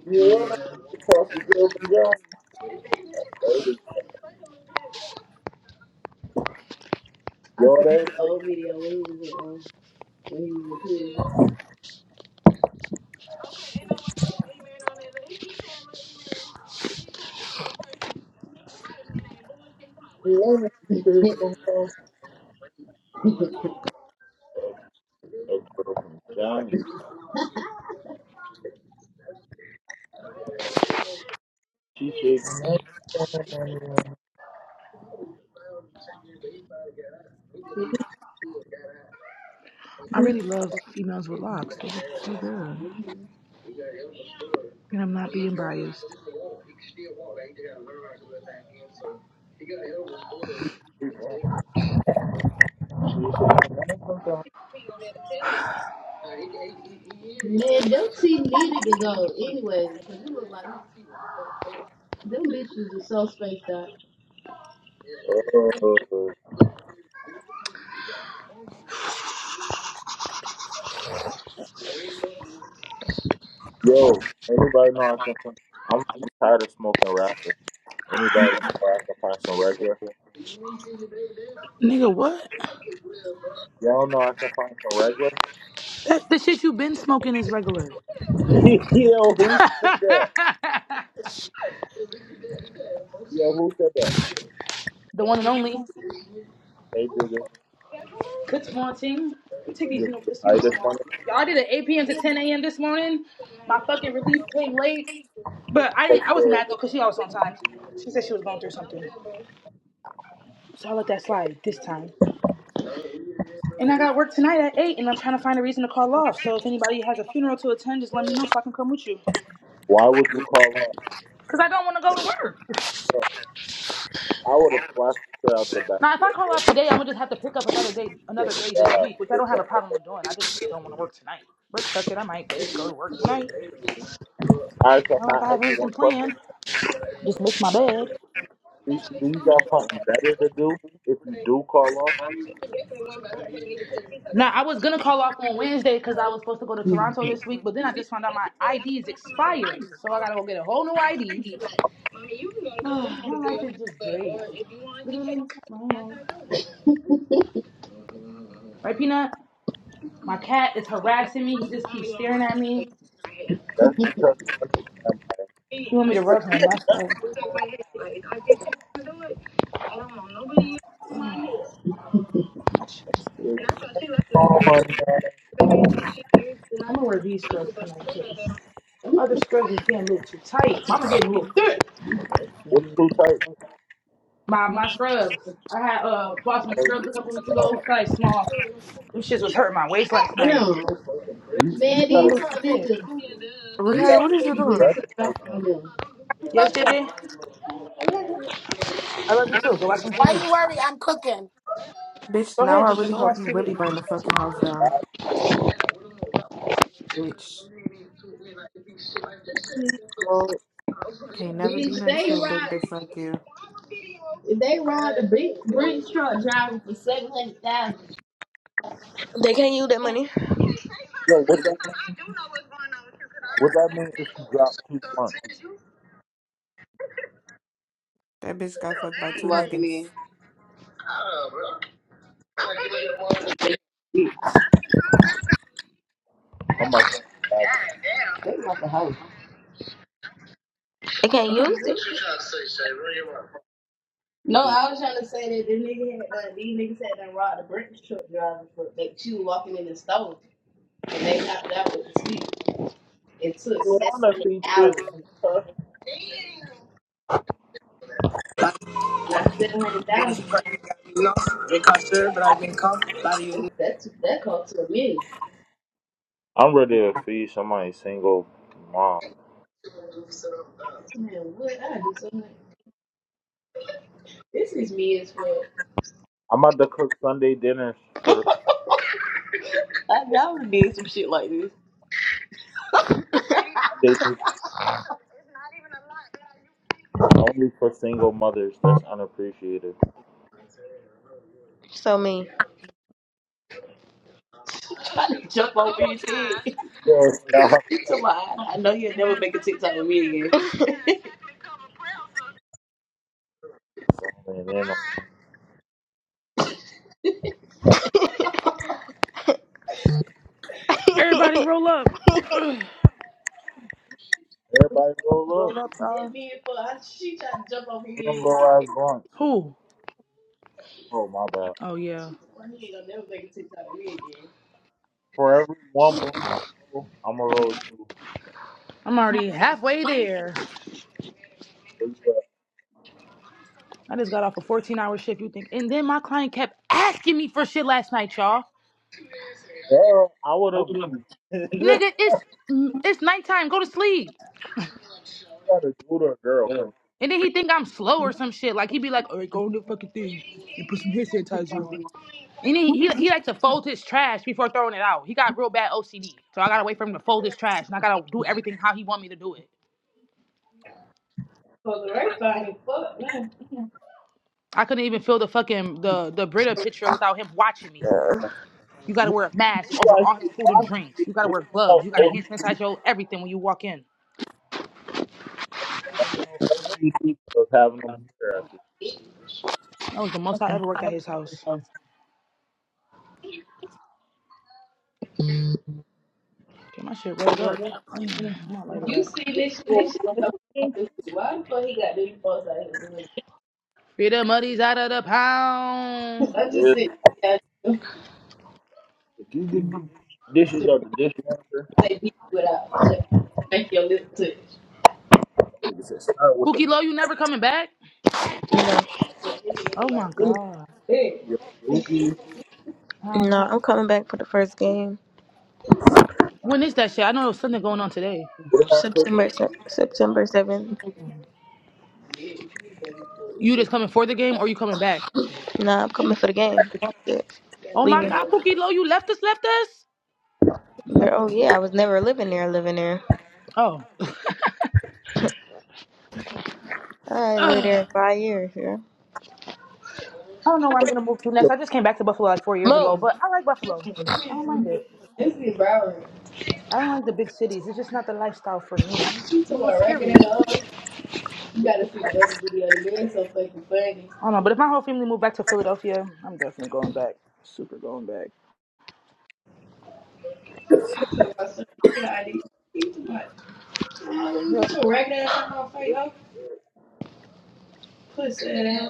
[SPEAKER 7] You wanna cross the girls and girls?
[SPEAKER 2] I
[SPEAKER 7] Yo,
[SPEAKER 2] seen
[SPEAKER 7] everybody
[SPEAKER 2] the old
[SPEAKER 7] doing
[SPEAKER 2] video when
[SPEAKER 7] it.
[SPEAKER 2] he was in, um, when he was in prison.
[SPEAKER 7] You wanna see shit from Johnny? A girl from Johnny. She shaking ass on my.
[SPEAKER 8] I really love females with locks. They look so good. And I'm not being biased.
[SPEAKER 7] She shaking ass on my.
[SPEAKER 2] Man, them teeth needed to go anyway. Cause it looked like them bitches are so spaced out.
[SPEAKER 7] Uh, yo, anybody know I can? I'm, I'm tired of smoking rappers. Anybody know where I can find some regular?
[SPEAKER 8] Nigga, what?
[SPEAKER 7] Y'all know I can find some regular.
[SPEAKER 8] That, the shit you been smoking is regular.
[SPEAKER 7] yo,
[SPEAKER 8] the
[SPEAKER 7] who said that? Yo, who said that?
[SPEAKER 8] one and only.
[SPEAKER 7] Hey, dude,
[SPEAKER 8] Good morning. Let me take
[SPEAKER 7] you
[SPEAKER 8] these
[SPEAKER 7] gonna
[SPEAKER 8] uni-
[SPEAKER 7] get
[SPEAKER 8] this
[SPEAKER 7] high this
[SPEAKER 8] uniform off.
[SPEAKER 7] morning?
[SPEAKER 8] Y'all I did it 8 p.m. to 10 a.m. this morning. My fucking relief came late. But I
[SPEAKER 7] Fuck
[SPEAKER 8] didn't I wasn't
[SPEAKER 7] you.
[SPEAKER 8] mad though, cause she always on time. She said she was going through something. So I let that slide this time. And I got work tonight at 8 and I'm trying to find a reason to call off. So if anybody has a funeral to attend, just let me know so I can come with you.
[SPEAKER 7] Why would you call up?
[SPEAKER 8] Cause I don't want to go to work.
[SPEAKER 7] Bro, I would have flashed the shit out the back
[SPEAKER 8] Now,
[SPEAKER 7] of
[SPEAKER 8] if I
[SPEAKER 7] your
[SPEAKER 8] call
[SPEAKER 7] head.
[SPEAKER 8] off today, I'm gonna just have to pick up another day,
[SPEAKER 7] Good
[SPEAKER 8] another day this
[SPEAKER 7] God,
[SPEAKER 8] week, which I
[SPEAKER 7] good
[SPEAKER 8] don't have
[SPEAKER 7] God.
[SPEAKER 8] a problem with doing. I just don't want to work tonight. But fuck it, I might just go to work tonight.
[SPEAKER 7] All right, so
[SPEAKER 8] Not
[SPEAKER 7] can I
[SPEAKER 8] like I
[SPEAKER 7] ask
[SPEAKER 8] have
[SPEAKER 7] you one
[SPEAKER 8] anything
[SPEAKER 7] question?
[SPEAKER 8] planned. Just miss my bed.
[SPEAKER 7] Do, do you got something better to do if you do call off?
[SPEAKER 8] Now, I was gonna call off on Wednesday because I was supposed to go to Toronto this week, but then I just found out my ID is expired, so I gotta go get a whole new ID.
[SPEAKER 2] Mommy, you can go to Capri
[SPEAKER 8] my
[SPEAKER 2] and do
[SPEAKER 8] life
[SPEAKER 2] your hair,
[SPEAKER 8] is just
[SPEAKER 2] but
[SPEAKER 8] great.
[SPEAKER 2] or if you want to take
[SPEAKER 8] Literally, my
[SPEAKER 2] as
[SPEAKER 8] whole life.
[SPEAKER 2] I go.
[SPEAKER 8] Right, Peanut? My cat is
[SPEAKER 2] but
[SPEAKER 8] harassing me. He
[SPEAKER 2] I'm
[SPEAKER 8] just
[SPEAKER 2] only
[SPEAKER 8] keeps
[SPEAKER 2] going on
[SPEAKER 8] staring at
[SPEAKER 2] auntie
[SPEAKER 8] me.
[SPEAKER 2] my hair.
[SPEAKER 7] That's because one is not money.
[SPEAKER 2] She,
[SPEAKER 8] You want me
[SPEAKER 2] she,
[SPEAKER 8] to rub him? That's why.
[SPEAKER 2] she take my hair. Like, I think she gonna do it. I don't want nobody else to do my hair.
[SPEAKER 8] My chest is
[SPEAKER 2] And I
[SPEAKER 8] open.
[SPEAKER 2] thought she liked it
[SPEAKER 7] Oh my
[SPEAKER 2] because
[SPEAKER 7] God.
[SPEAKER 2] baby, she, she used to not
[SPEAKER 8] I'm gonna wear
[SPEAKER 2] to
[SPEAKER 8] these
[SPEAKER 2] people,
[SPEAKER 8] scrubs
[SPEAKER 2] but
[SPEAKER 8] tonight
[SPEAKER 2] they got their
[SPEAKER 8] because
[SPEAKER 2] own.
[SPEAKER 8] them other scrubs is getting a little too tight. Mama getting a little thick.
[SPEAKER 7] What's too tight?
[SPEAKER 8] My my scrubs. I had uh bought some
[SPEAKER 7] Hey,
[SPEAKER 8] scrubs a couple weeks ago, size small. Them shits was hurting my waist last night.
[SPEAKER 2] No,
[SPEAKER 7] you, you
[SPEAKER 8] It's
[SPEAKER 2] man,
[SPEAKER 8] Getting a
[SPEAKER 2] these
[SPEAKER 7] gotta,
[SPEAKER 8] little too
[SPEAKER 2] fuck
[SPEAKER 8] thick.
[SPEAKER 2] niggas. Yeah, duh.
[SPEAKER 7] you
[SPEAKER 2] These
[SPEAKER 6] Okay,
[SPEAKER 7] gotta
[SPEAKER 2] fuck
[SPEAKER 6] what
[SPEAKER 7] get
[SPEAKER 6] is you
[SPEAKER 7] some
[SPEAKER 2] niggas get
[SPEAKER 6] doing,
[SPEAKER 2] took
[SPEAKER 7] vegetables
[SPEAKER 2] off
[SPEAKER 7] in.
[SPEAKER 2] on
[SPEAKER 7] You
[SPEAKER 2] them.
[SPEAKER 3] I'm
[SPEAKER 8] Yes, J
[SPEAKER 3] cooking.
[SPEAKER 8] J. I love you too. Go watch some
[SPEAKER 3] Why
[SPEAKER 8] TV.
[SPEAKER 3] you worry? I'm cooking.
[SPEAKER 6] bitch?
[SPEAKER 8] Go
[SPEAKER 6] Now
[SPEAKER 8] ahead,
[SPEAKER 6] I
[SPEAKER 8] JJ.
[SPEAKER 6] really
[SPEAKER 8] Go watch
[SPEAKER 6] hope you really
[SPEAKER 8] TV.
[SPEAKER 6] burn the
[SPEAKER 7] gotta get
[SPEAKER 6] fucking house down,
[SPEAKER 7] some baskets
[SPEAKER 6] bitch.
[SPEAKER 7] in. Yo,
[SPEAKER 6] Can't never be
[SPEAKER 2] Bitch,
[SPEAKER 6] nice
[SPEAKER 2] they
[SPEAKER 6] to a big
[SPEAKER 2] ride.
[SPEAKER 6] bitch like you.
[SPEAKER 2] They robbed a big brick truck driver for seven hundred thousand.
[SPEAKER 7] yo, what that mean? What that mean if you drop two blunts?
[SPEAKER 6] That bitch got fucked by two
[SPEAKER 2] Walking
[SPEAKER 6] niggas.
[SPEAKER 2] in.
[SPEAKER 7] I'm about to have it.
[SPEAKER 2] They can't use No,
[SPEAKER 7] You
[SPEAKER 2] I was trying to say that the nigga had done, these niggas had done robbed a brick truck driver for like she was walking in the store and they hopped out with the sweet and took seven
[SPEAKER 7] wanna
[SPEAKER 2] hundred
[SPEAKER 7] feast this?
[SPEAKER 2] thousand.
[SPEAKER 7] huh?
[SPEAKER 9] It
[SPEAKER 2] Not seven hundred
[SPEAKER 9] is
[SPEAKER 2] thousand.
[SPEAKER 9] prayer that you lost, reconciled, but I've been caught.
[SPEAKER 2] That's that cost to a million.
[SPEAKER 7] I'm ready to feed somebody single mom.
[SPEAKER 2] Man, what I do so much. This is me as
[SPEAKER 7] I'm about to cook Sunday dinners for the
[SPEAKER 2] fuck.
[SPEAKER 7] Sunday dinner only for single mothers that's unappreciated.
[SPEAKER 2] So mean. Fuck BT.
[SPEAKER 7] Yo, stop.
[SPEAKER 2] He'll never make a TikTok with me again.
[SPEAKER 7] And then
[SPEAKER 8] Everybody roll up.
[SPEAKER 7] everybody roll up.
[SPEAKER 8] Roll up, uh,
[SPEAKER 2] That man, fuck, she tried to jump over
[SPEAKER 7] Roll them
[SPEAKER 2] his head.
[SPEAKER 7] low ass blunts.
[SPEAKER 8] Who?
[SPEAKER 7] Oh my bad.
[SPEAKER 8] Oh yeah.
[SPEAKER 2] She told her he ain't gonna never make a TikTok with me again.
[SPEAKER 7] For every one blunt you roll, I'ma roll two.
[SPEAKER 8] I'm already halfway there.
[SPEAKER 7] Where you at?
[SPEAKER 8] I just got off a 14 hour shift, you think. And then my client kept asking me for shit last night, y'all.
[SPEAKER 7] Girl, I would have this
[SPEAKER 8] Nigga, it's it's nighttime. Go to sleep.
[SPEAKER 7] got a dude or a girl.
[SPEAKER 8] And then he think I'm slow or some shit. Like he be like, all right, go on the fucking thing and put some hand sanitizer on. And then he, he he likes to fold his trash before throwing it out. He got real bad OCD, so I gotta wait for him to fold his trash, and I gotta do everything how he want me to do it.
[SPEAKER 2] For the right fine, fuck, man.
[SPEAKER 8] I couldn't even fill the fucking the the Brita picture without him watching me. You
[SPEAKER 7] You
[SPEAKER 8] gotta wear a mask
[SPEAKER 7] knew
[SPEAKER 8] over
[SPEAKER 7] why he
[SPEAKER 8] all his
[SPEAKER 7] was
[SPEAKER 8] food and
[SPEAKER 7] watching
[SPEAKER 8] drinks.
[SPEAKER 7] you.
[SPEAKER 8] You gotta
[SPEAKER 7] It
[SPEAKER 8] wear
[SPEAKER 7] was no
[SPEAKER 8] gloves. You gotta
[SPEAKER 7] OG,
[SPEAKER 8] hand sanitizer everything when you walk in.
[SPEAKER 7] no OG was having them stare at you.
[SPEAKER 8] That was the most I ever worked at his house. Get my shit rolled up. Y'all playing? I'm not later
[SPEAKER 2] You
[SPEAKER 8] at.
[SPEAKER 2] see this shit, this shit so stupid. Why the fuck he got these folks out here doing
[SPEAKER 8] Peter Muddy's out of the pound.
[SPEAKER 2] it? I just
[SPEAKER 7] Yeah.
[SPEAKER 2] sit down to
[SPEAKER 7] If you get dishes out the dishwasher, that
[SPEAKER 2] say people without, but just make your lips touch.
[SPEAKER 7] nigga said start with the
[SPEAKER 8] Pookie Low, you never coming back? Oh my god.
[SPEAKER 7] your boogie.
[SPEAKER 8] Wow.
[SPEAKER 2] No, I'm coming back for the first game.
[SPEAKER 8] When is that shit? I know there was something going on today.
[SPEAKER 7] We're not cooking
[SPEAKER 2] September se- September seventh.
[SPEAKER 8] You just coming for the game or you coming back?
[SPEAKER 2] No, I'm coming for the game. Yeah,
[SPEAKER 8] Oh my
[SPEAKER 2] leaving.
[SPEAKER 8] god, Pookie Low, you left us, left us?
[SPEAKER 2] Girl, oh yeah, I was never living there. Living there.
[SPEAKER 8] Oh. I
[SPEAKER 2] I lived there five years. Yeah.
[SPEAKER 8] don't know where I'm gonna move to next.
[SPEAKER 7] your
[SPEAKER 8] I just came back to Buffalo like four years ago, but I like Buffalo. I don't mind it.
[SPEAKER 2] This is Broward.
[SPEAKER 8] I don't like the big cities. It's just not the lifestyle for me. I'm,
[SPEAKER 2] She
[SPEAKER 8] I'm a
[SPEAKER 2] told
[SPEAKER 8] little
[SPEAKER 2] my record
[SPEAKER 8] scary.
[SPEAKER 2] ain't on. You gotta see the other video. The man so fucking funny.
[SPEAKER 8] I don't know, but if my whole family moved back to Philadelphia, I'm definitely going back. Super going back.
[SPEAKER 2] She told my son, yeah, I need to see my
[SPEAKER 8] Yeah.
[SPEAKER 2] record ass on my face. Huh? Pussy ass.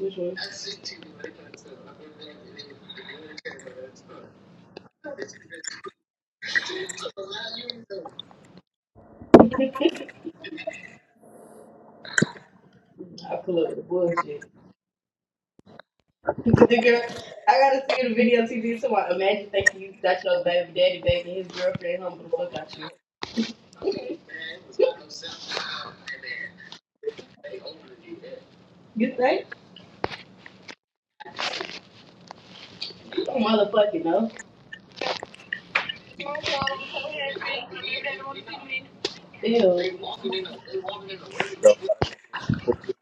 [SPEAKER 2] Which one? I pull up with the bullshit. The girl, I gotta see the video TV tomorrow. Imagine thinking you got your baby daddy back and his girlfriend humble the
[SPEAKER 7] food,
[SPEAKER 2] fuck out you. You think? You don't motherfucking know. Ew. Who
[SPEAKER 7] bro. Like, what you-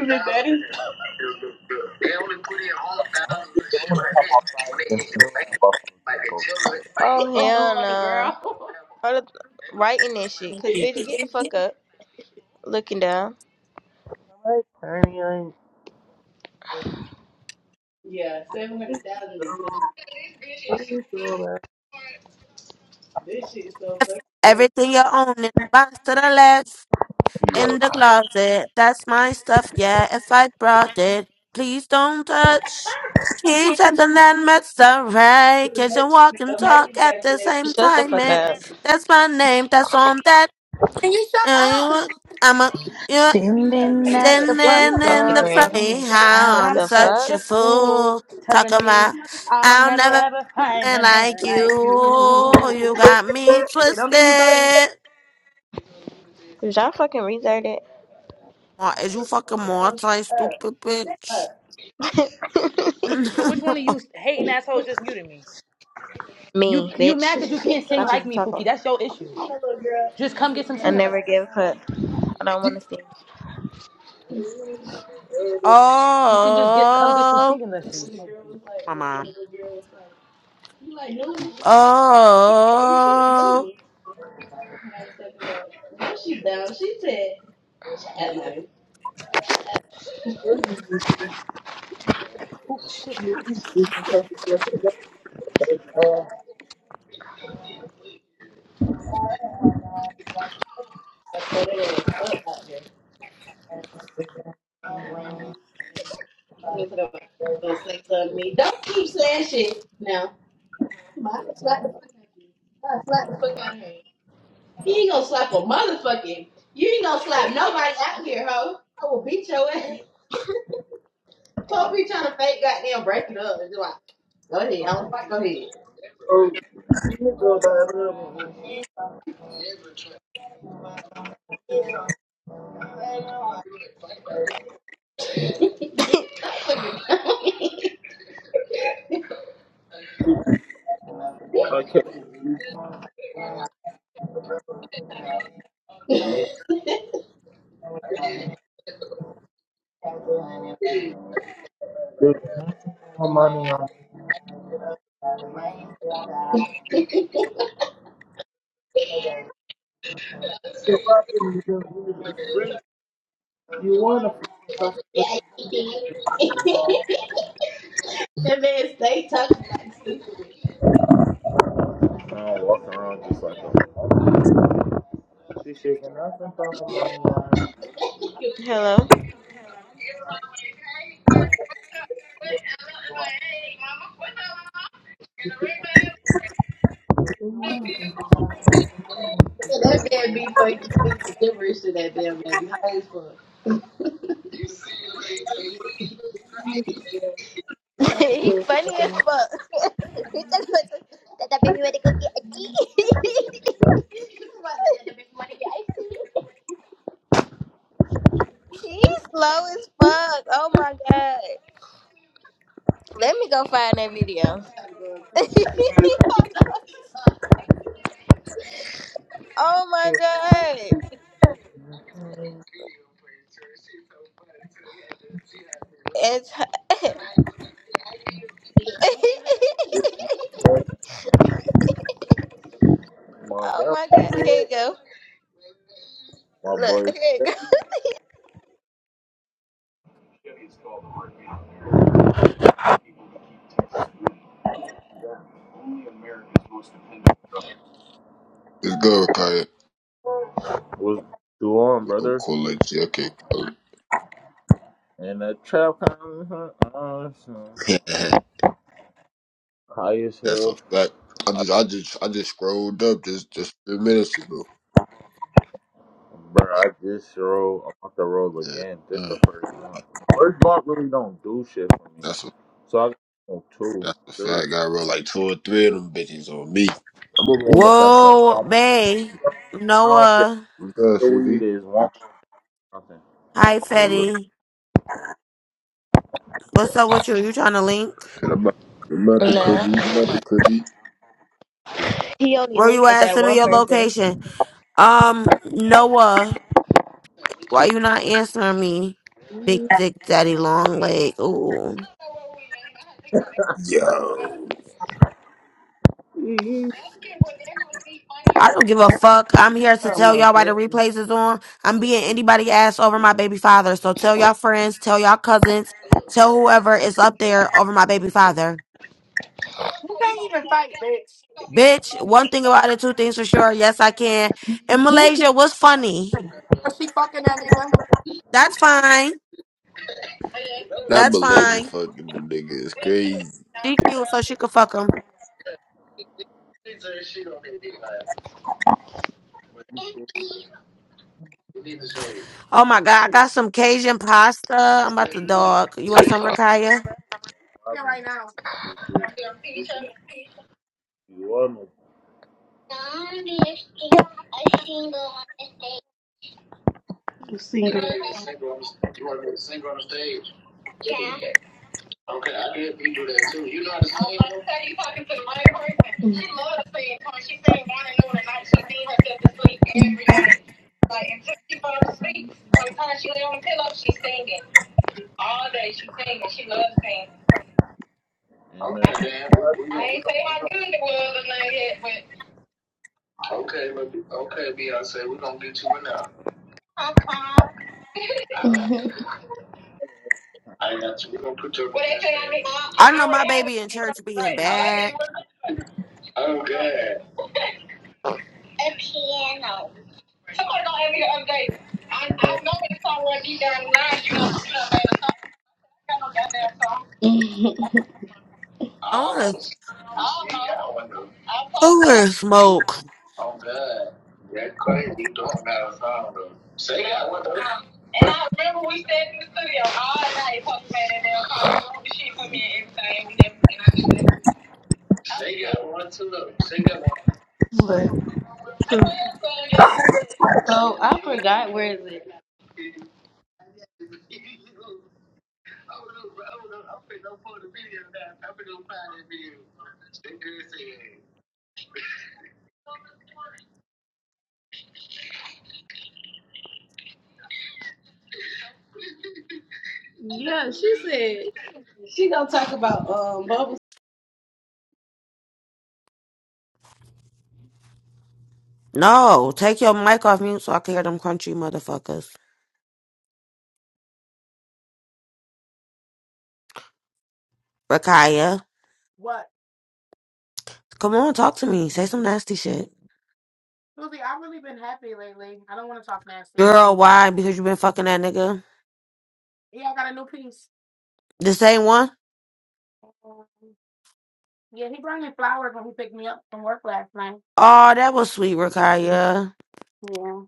[SPEAKER 2] the daddy?
[SPEAKER 7] I don't think I wanna come outside and show that buffalo people.
[SPEAKER 2] Oh hell no! girl. All the writing this shit, cause bitch, get the fuck up, looking down.
[SPEAKER 7] Alright, honey,
[SPEAKER 2] Yeah, 700,000 they put.
[SPEAKER 7] I'm
[SPEAKER 2] This shit is so fucking crazy.
[SPEAKER 10] Everything you own in a box to the left
[SPEAKER 7] Yo,
[SPEAKER 10] in the closet. That's my stuff, yeah. If I brought it, please don't touch. Keep taking that mess away, 'cause you walk and
[SPEAKER 2] Imagine you
[SPEAKER 10] talk at
[SPEAKER 2] back
[SPEAKER 10] the
[SPEAKER 2] there
[SPEAKER 10] same
[SPEAKER 2] Shut the
[SPEAKER 10] time.
[SPEAKER 2] fuck
[SPEAKER 10] And
[SPEAKER 2] up.
[SPEAKER 10] that's my name, that's on that.
[SPEAKER 3] Can you shut
[SPEAKER 10] Uh,
[SPEAKER 3] up?
[SPEAKER 10] you, I'm a, you
[SPEAKER 8] Standing at the
[SPEAKER 2] Give me
[SPEAKER 8] front
[SPEAKER 2] a
[SPEAKER 10] standing
[SPEAKER 2] fucking
[SPEAKER 10] in
[SPEAKER 2] you,
[SPEAKER 10] the
[SPEAKER 8] door,
[SPEAKER 2] green.
[SPEAKER 8] telling
[SPEAKER 10] frame.
[SPEAKER 8] me
[SPEAKER 10] How I'm
[SPEAKER 8] I'm
[SPEAKER 2] The fuck?
[SPEAKER 10] such
[SPEAKER 8] such a
[SPEAKER 10] a
[SPEAKER 8] fool,
[SPEAKER 10] fool.
[SPEAKER 8] telling
[SPEAKER 10] Talking
[SPEAKER 8] me
[SPEAKER 10] about,
[SPEAKER 8] I'll
[SPEAKER 10] I'll
[SPEAKER 8] never
[SPEAKER 10] never
[SPEAKER 8] ever find
[SPEAKER 10] be
[SPEAKER 8] a
[SPEAKER 10] like
[SPEAKER 8] man like
[SPEAKER 10] you. You
[SPEAKER 8] you.
[SPEAKER 10] got me
[SPEAKER 8] I said, don't get me started.
[SPEAKER 10] twisted.
[SPEAKER 2] Did y'all fucking restart it?
[SPEAKER 10] Ma- Is you fucking multi stupid bitch?
[SPEAKER 8] But which one of you hating assholes just muted me? You
[SPEAKER 2] Me,
[SPEAKER 8] you
[SPEAKER 2] bitch.
[SPEAKER 8] mad because you can't sing
[SPEAKER 2] About to do
[SPEAKER 8] like me, Pookie?
[SPEAKER 2] taco.
[SPEAKER 8] That's your issue. Just come get some
[SPEAKER 2] I
[SPEAKER 8] singing
[SPEAKER 2] never
[SPEAKER 8] lessons.
[SPEAKER 2] give up. I don't want to
[SPEAKER 8] You,
[SPEAKER 2] see.
[SPEAKER 8] you can just get come get some
[SPEAKER 10] oh,
[SPEAKER 8] singing lessons.
[SPEAKER 10] my mom. Oh,
[SPEAKER 8] Oh shit.
[SPEAKER 2] He ain't gonna slap a motherfucking. You ain't gonna slap nobody out here, ho. I will beat your ass.
[SPEAKER 3] You
[SPEAKER 2] Don't be trying to fake goddamn break it up. It's like, go ahead, I don't fight. Go ahead.
[SPEAKER 7] okay. This no money on the property you do to free. You want a free customer
[SPEAKER 2] yeah, you did. that man stay talking like stupid.
[SPEAKER 7] I don't walk around just like a She's shaking nothing from her money on You want to
[SPEAKER 2] Hello.
[SPEAKER 7] be
[SPEAKER 2] That man be fucking speaking gibberish to that damn man. Be high as fuck. he funny as fuck. he talking about some- that that baby wanna go get a key. He's slow as fuck. Oh my god. Let me go find that video. oh god. It's
[SPEAKER 7] free. monk.
[SPEAKER 2] Oh my god. Here you go.
[SPEAKER 7] My
[SPEAKER 2] Look,
[SPEAKER 7] boy
[SPEAKER 2] here
[SPEAKER 11] It's good, Kyle.
[SPEAKER 7] was doing,
[SPEAKER 11] I'm
[SPEAKER 7] brother.
[SPEAKER 11] cool like you. Okay, cool.
[SPEAKER 7] And that trap kind of awesome. High as
[SPEAKER 11] That's a
[SPEAKER 7] hell.
[SPEAKER 11] fact. I
[SPEAKER 7] I,
[SPEAKER 11] just, I just, I just scrolled up just, just three minutes ago.
[SPEAKER 7] bro, I just roll. I'm about to roll
[SPEAKER 11] Yeah,
[SPEAKER 7] again. This
[SPEAKER 11] Mm.
[SPEAKER 7] the first month. First block really don't do shit for me.
[SPEAKER 11] that's a,
[SPEAKER 7] So I got oh, two,
[SPEAKER 11] that's a
[SPEAKER 7] three.
[SPEAKER 11] fact. I wrote like two or three of them bitches on me. I'm gonna roll up after I'm
[SPEAKER 10] whoa,
[SPEAKER 11] done if you
[SPEAKER 10] Bay,
[SPEAKER 11] can.
[SPEAKER 7] I don't care if
[SPEAKER 10] Noah.
[SPEAKER 11] You good,
[SPEAKER 7] the weed
[SPEAKER 11] Suzy?
[SPEAKER 7] is one or nothing.
[SPEAKER 10] Hi,
[SPEAKER 11] Cool. up.
[SPEAKER 10] Fetty. What's up with you? You trying to link?
[SPEAKER 11] Shit, I'm about, I'm about to Kirby, I'm about to Kirby.
[SPEAKER 10] Where you at? Send me your location. Um, Noah, why you not answering me? Big dick, daddy, long leg. Ooh.
[SPEAKER 11] Yo,
[SPEAKER 2] you go.
[SPEAKER 10] I don't give a fuck. I'm here to
[SPEAKER 2] Oh,
[SPEAKER 10] tell
[SPEAKER 2] most
[SPEAKER 10] y'all why the
[SPEAKER 2] definitely.
[SPEAKER 10] replays is on. I'm being anybody ass over my baby father. So tell y'all friends, tell y'all cousins, tell whoever is up there over my baby father.
[SPEAKER 3] can't even fight, bitch.
[SPEAKER 10] Bitch, one thing about it, two things for sure. Yes, I can. And Malaysia was funny.
[SPEAKER 3] Cause she fucking at me. I'm fucking
[SPEAKER 10] That's fine.
[SPEAKER 11] not
[SPEAKER 10] That's
[SPEAKER 11] Malaysia
[SPEAKER 10] fine.
[SPEAKER 11] fucking the nigga is crazy.
[SPEAKER 10] She cute, so she could fuck him.
[SPEAKER 7] You still
[SPEAKER 10] Oh my god, I got some Cajun pasta. I'm about to dog. You want some Rakaya?
[SPEAKER 7] robbing me,
[SPEAKER 3] right now.
[SPEAKER 7] you shit. You you want me to kill you, bro. And then,
[SPEAKER 10] I know my baby in church being bad.
[SPEAKER 2] See, and piano. I could have gone every other day. I, I know it's somewhere deep down the line. You know, you know, man, so I got no goddamn song. Mhm.
[SPEAKER 10] I wanna,
[SPEAKER 2] I'm
[SPEAKER 10] I
[SPEAKER 2] supposed to have
[SPEAKER 10] wanna
[SPEAKER 2] one.
[SPEAKER 10] smoke.
[SPEAKER 2] Um, And I remember we stayed in the studio all night, fucking man, and they were calling the shit for me and everything. We never, and I just never. What? So I forgot where is it? Yeah, she said she gonna talk about um bubble.
[SPEAKER 10] No, take your mic off mute so I can hear them crunchy motherfuckers. Rakaya,
[SPEAKER 3] What?
[SPEAKER 10] come on, talk to me. Say some nasty shit.
[SPEAKER 3] Susie, I've really been happy lately. I don't want to talk nasty.
[SPEAKER 10] Girl, why? Because you been fucking that nigga?
[SPEAKER 3] Yeah, I got a new piece.
[SPEAKER 10] The same one?
[SPEAKER 3] Yeah, he brought me flowers when he picked me up from work last night.
[SPEAKER 10] Oh, that was sweet, Rakaya.
[SPEAKER 3] Yeah.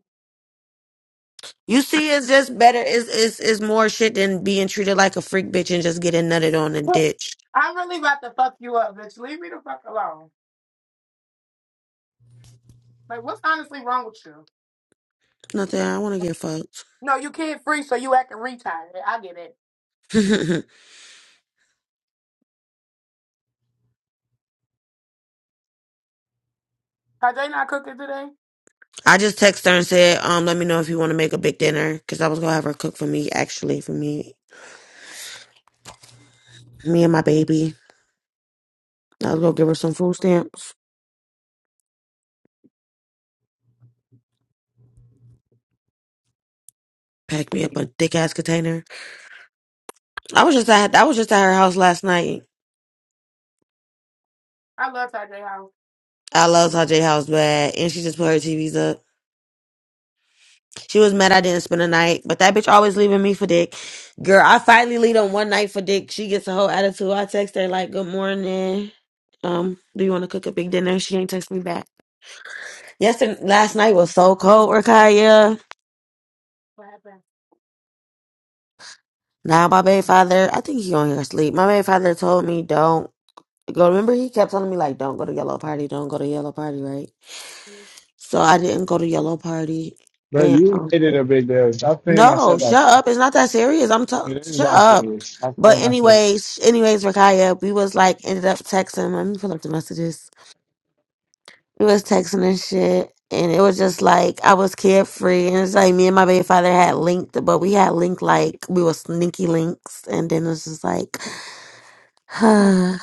[SPEAKER 10] You see, it's just better. It's, it's, it's more shit than being treated like a freak bitch and just getting nutted on and
[SPEAKER 3] But
[SPEAKER 10] ditched.
[SPEAKER 3] I really about to fuck you up, bitch. Leave me the fuck alone. Like, what's honestly wrong with you?
[SPEAKER 10] Nothing. I want to get fucked.
[SPEAKER 3] No, you kid free, so you acting retired. I get it. Tajay not cooking today?
[SPEAKER 10] I just texted her and said, um, let me know if you want to make a big dinner because I was going to have her cook for me, actually, for me, me and my baby. I was going to give her some food stamps. packed me up a thick ass container. I was just at I was just at her house last night.
[SPEAKER 3] I love Tajay House.
[SPEAKER 10] I love Tajay house bad, and she just put her TVs up. She was mad I didn't spend the night, but that bitch always leaving me for dick. Girl, I finally leave on one night for dick. She gets a whole attitude. I text her like, "Good morning." Um, do you want to cook a big dinner? She ain't text me back. Yesterday, last night was so cold, Rakaya.
[SPEAKER 3] What happened?
[SPEAKER 10] Now my baby father, I think he on here asleep. My baby father told me don't go. Remember, he kept telling me like, don't go to yellow party, don't go to yellow party, right? so I didn't go to Yellow Party.
[SPEAKER 5] Bro,
[SPEAKER 10] And
[SPEAKER 5] you
[SPEAKER 10] um,
[SPEAKER 5] made it a big deal. Stop saying I
[SPEAKER 10] no,
[SPEAKER 5] said that
[SPEAKER 10] shut
[SPEAKER 5] shit.
[SPEAKER 10] up. It's not that serious. I'm t-
[SPEAKER 5] It is
[SPEAKER 10] shut
[SPEAKER 5] that
[SPEAKER 10] up.
[SPEAKER 5] serious. Stop
[SPEAKER 10] But
[SPEAKER 5] saying I said it.
[SPEAKER 10] anyways, anyways, Rakaya, we was like ended up texting. Let me pull up the messages. We was texting and shit, and it was just like I was carefree, and it's like me and my baby father had linked, but we had linked like we were sneaky links, and then it's just like, girl,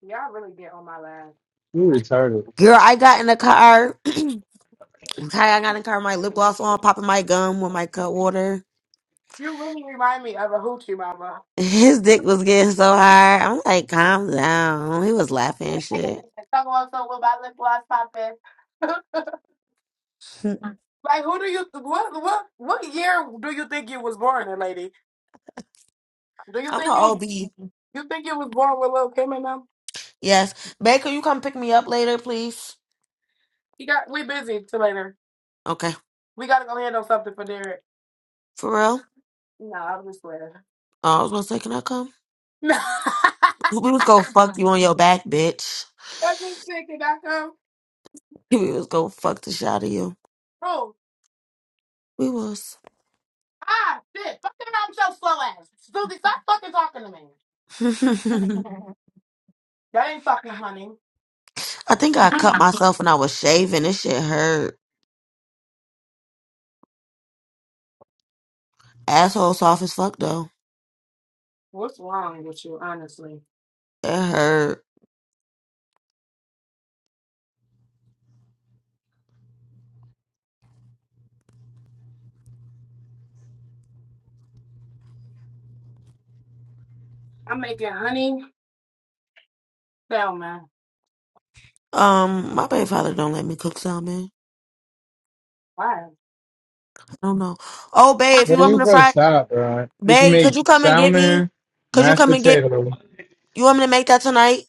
[SPEAKER 3] Y'all really get on my last.
[SPEAKER 5] You retarded.
[SPEAKER 10] I got in the car. Kai, I got in the car, my lip gloss on, popping my gum with my cut water.
[SPEAKER 3] You really remind me of a hoochie mama.
[SPEAKER 10] His dick was getting so hard. I'm like, calm down. He was laughing and shit.
[SPEAKER 3] Talk about something about lip gloss popping.
[SPEAKER 10] I'm
[SPEAKER 3] like, who do you what what what year do you think you was born in, lady? Do you
[SPEAKER 10] an
[SPEAKER 3] think you
[SPEAKER 10] OB.
[SPEAKER 3] you think you was born with Lil Kim and them?
[SPEAKER 10] Yes. Baker, you come pick me up later, please?
[SPEAKER 3] He got we busy till later.
[SPEAKER 10] Okay.
[SPEAKER 3] We gotta go handle something for Derek.
[SPEAKER 10] For real?
[SPEAKER 3] No, I'm just playing.
[SPEAKER 10] Oh, I was gonna say, can I come?
[SPEAKER 3] No,
[SPEAKER 10] We was gonna fuck you on your back, bitch.
[SPEAKER 3] I'm just thinking. I come.
[SPEAKER 10] We was gonna fuck the shit out of you.
[SPEAKER 3] Oh,
[SPEAKER 10] We was.
[SPEAKER 3] ah, shit! Fucking around with your slow ass, Susie. Stop fucking talking to me.
[SPEAKER 10] I
[SPEAKER 3] That ain't fucking honey.
[SPEAKER 10] think I cut myself when I was shaving. This shit hurt. Asshole soft as fuck though.
[SPEAKER 3] What's wrong with you, honestly?
[SPEAKER 10] It hurt.
[SPEAKER 3] I'm making honey Tell man.
[SPEAKER 10] Um, my baby father don't let me cook salmon.
[SPEAKER 3] Why?
[SPEAKER 10] I don't know. Oh, babe, if
[SPEAKER 5] Bro,
[SPEAKER 10] you want
[SPEAKER 5] you
[SPEAKER 10] me to
[SPEAKER 5] go
[SPEAKER 10] fry
[SPEAKER 5] stop, bro. You can
[SPEAKER 10] Babe, could
[SPEAKER 5] make
[SPEAKER 10] you come and get me?
[SPEAKER 5] salmon,
[SPEAKER 10] Could you
[SPEAKER 5] mashed
[SPEAKER 10] come and get
[SPEAKER 5] potato,
[SPEAKER 10] you want me to make that tonight?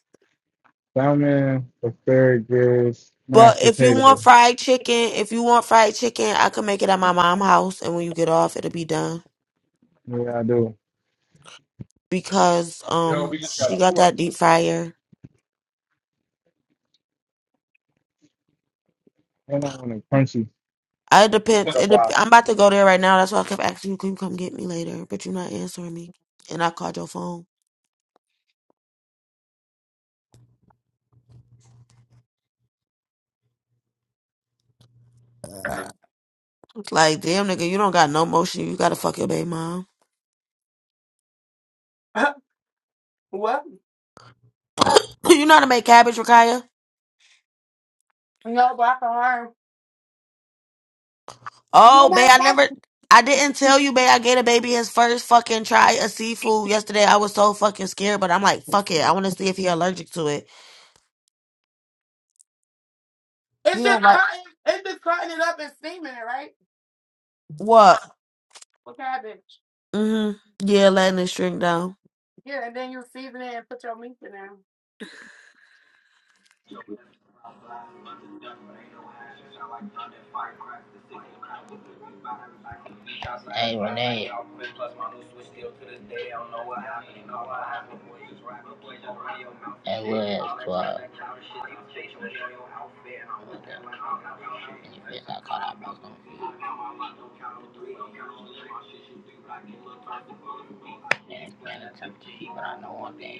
[SPEAKER 5] salmon, asparagus, mashed
[SPEAKER 10] But if you want
[SPEAKER 5] potato.
[SPEAKER 10] fried chicken, if you want fried chicken, I could make it at my mom's house and when you get off it'll be done.
[SPEAKER 5] Yeah, I do.
[SPEAKER 10] Because
[SPEAKER 5] Yo,
[SPEAKER 10] um
[SPEAKER 5] we just got
[SPEAKER 10] she
[SPEAKER 5] a
[SPEAKER 10] got that
[SPEAKER 5] fork.
[SPEAKER 10] deep fryer.
[SPEAKER 5] And I want it crunchy.
[SPEAKER 10] I
[SPEAKER 5] We
[SPEAKER 10] depends
[SPEAKER 5] got a
[SPEAKER 10] it dep- I'm
[SPEAKER 5] block.
[SPEAKER 10] about to go there right now. That's why I kept asking you, can you come get me later? But you're not answering me. And I called your phone. It's like, damn nigga, you don't got no motion. You gotta fuck your baby mom.
[SPEAKER 3] what?
[SPEAKER 10] you know how to make cabbage, Rakaya?
[SPEAKER 3] No, black arm. No, no,
[SPEAKER 10] Oh, babe, I
[SPEAKER 3] that-
[SPEAKER 10] never, I didn't tell you, babe. I gave the baby his first fucking try of seafood yesterday. I was so fucking scared, but I'm like, fuck it. I want to see if he allergic to it.
[SPEAKER 3] It's
[SPEAKER 10] You
[SPEAKER 3] just
[SPEAKER 10] don't like
[SPEAKER 3] cutting. It's just cutting it up and steaming it, right?
[SPEAKER 10] what?
[SPEAKER 3] What cabbage?
[SPEAKER 10] Mm-hmm. Yeah, letting it shrink down.
[SPEAKER 3] Yeah, and then you season it and put your meat in there.
[SPEAKER 12] I'm black, bunch of stuff, but ain't no hash. I like thunder, fire crack, the sick and crap with the big bottom. I can't be outside. Hey Renee. Hey Will twelve. What the? And I was like, I'm not going to shit. And you feel like caught out broke And it's been a temptation, but I know one thing.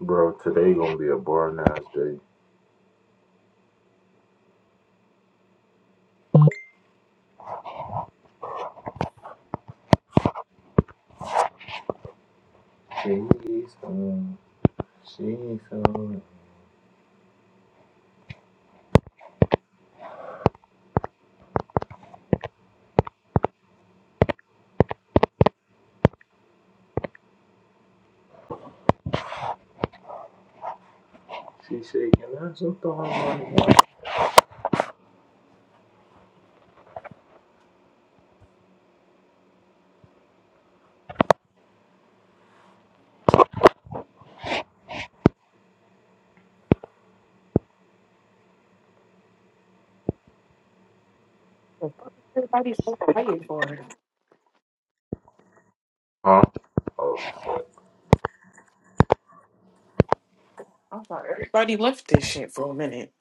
[SPEAKER 7] bro, today gonna be a boring ass day. She said, "Can I have some thong?"
[SPEAKER 13] What Everybody's so excited for it.
[SPEAKER 7] Huh? Oh,
[SPEAKER 13] I thought everybody left this shit for a minute.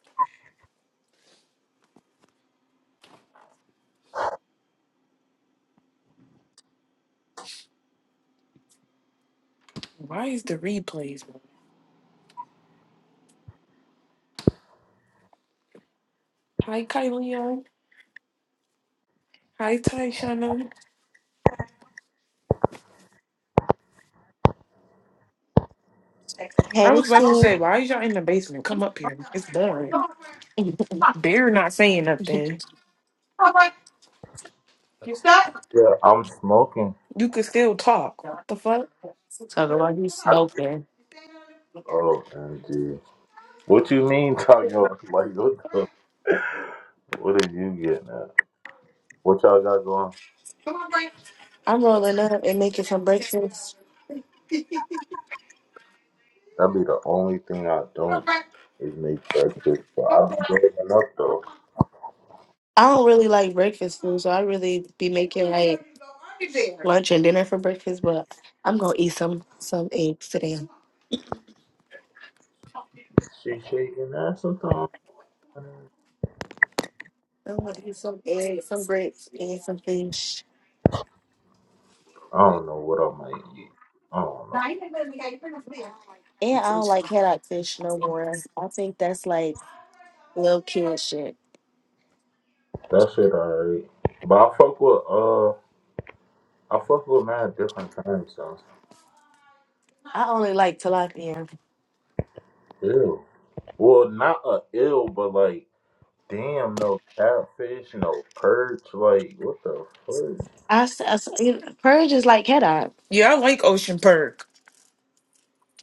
[SPEAKER 13] Why is the replays? on? Hi, Kylie. Hi, Tyshana. I
[SPEAKER 14] Hey,
[SPEAKER 13] was about to
[SPEAKER 14] Steve.
[SPEAKER 13] say, why is y'all in the basement? Come up here. It's boring. They're not saying nothing.
[SPEAKER 7] Yeah, I'm smoking.
[SPEAKER 13] You could still talk. What the fuck?
[SPEAKER 14] Talking about you
[SPEAKER 7] I,
[SPEAKER 14] smoking.
[SPEAKER 7] Oh, MG. What you mean talking about? Like, what, the, what are you getting at? What y'all got going?
[SPEAKER 14] I'm rolling up and making some breakfast.
[SPEAKER 7] That'd be the only thing I don't is make breakfast. But i be waking up, though.
[SPEAKER 14] I don't really like breakfast food, so I really be making like lunch and dinner for breakfast. But I'm gonna eat some some eggs today.
[SPEAKER 7] she shaking "Can sometimes.
[SPEAKER 14] I'm gonna eat some eggs, some grits, and some fish.
[SPEAKER 7] I don't know what I might eat. I don't know.
[SPEAKER 14] And I don't like haddock fish no more. I think that's like little kid shit.
[SPEAKER 7] That shit alright. But I fuck with, uh, I fuck with mad different kinds, so.
[SPEAKER 14] I only like tilapia.
[SPEAKER 7] Ew. Well, not a ill, but like, Damn, no catfish, no perch. Like, what the fuck?
[SPEAKER 14] I, s- I s- you know, purge is like haddock.
[SPEAKER 13] Yeah, I like Ocean Perk.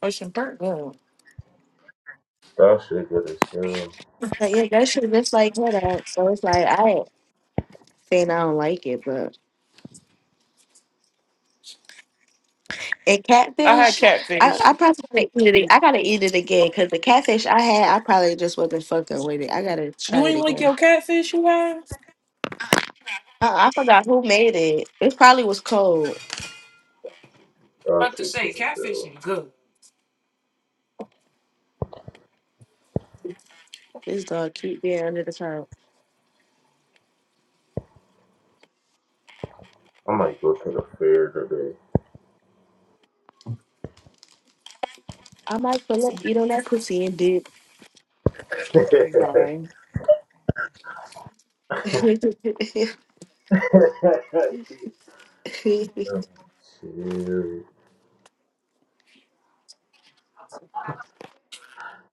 [SPEAKER 13] Ocean Perk, good.
[SPEAKER 7] That shit good as hell.
[SPEAKER 14] Like, yeah, that shit just like haddock. So it's like I saying I don't like it, but and
[SPEAKER 13] I had
[SPEAKER 14] catfish, I,
[SPEAKER 13] catfish.
[SPEAKER 14] I probably gotta eat it. I gotta eat it again because the catfish I had, I probably just wasn't fucking with it. I gotta try
[SPEAKER 13] You
[SPEAKER 14] it
[SPEAKER 13] ain't like
[SPEAKER 14] again.
[SPEAKER 13] your catfish you had?
[SPEAKER 14] Uh, I forgot who made it. It probably was cold.
[SPEAKER 7] That
[SPEAKER 13] About to
[SPEAKER 7] shit
[SPEAKER 13] say,
[SPEAKER 7] good as
[SPEAKER 13] catfish
[SPEAKER 7] hell.
[SPEAKER 13] is good.
[SPEAKER 14] This dog keep being under the turn.
[SPEAKER 7] I might go to the fair
[SPEAKER 14] I might pull up, eat on that pussy and dip.
[SPEAKER 7] today.
[SPEAKER 13] Bye.
[SPEAKER 7] Oh, shit.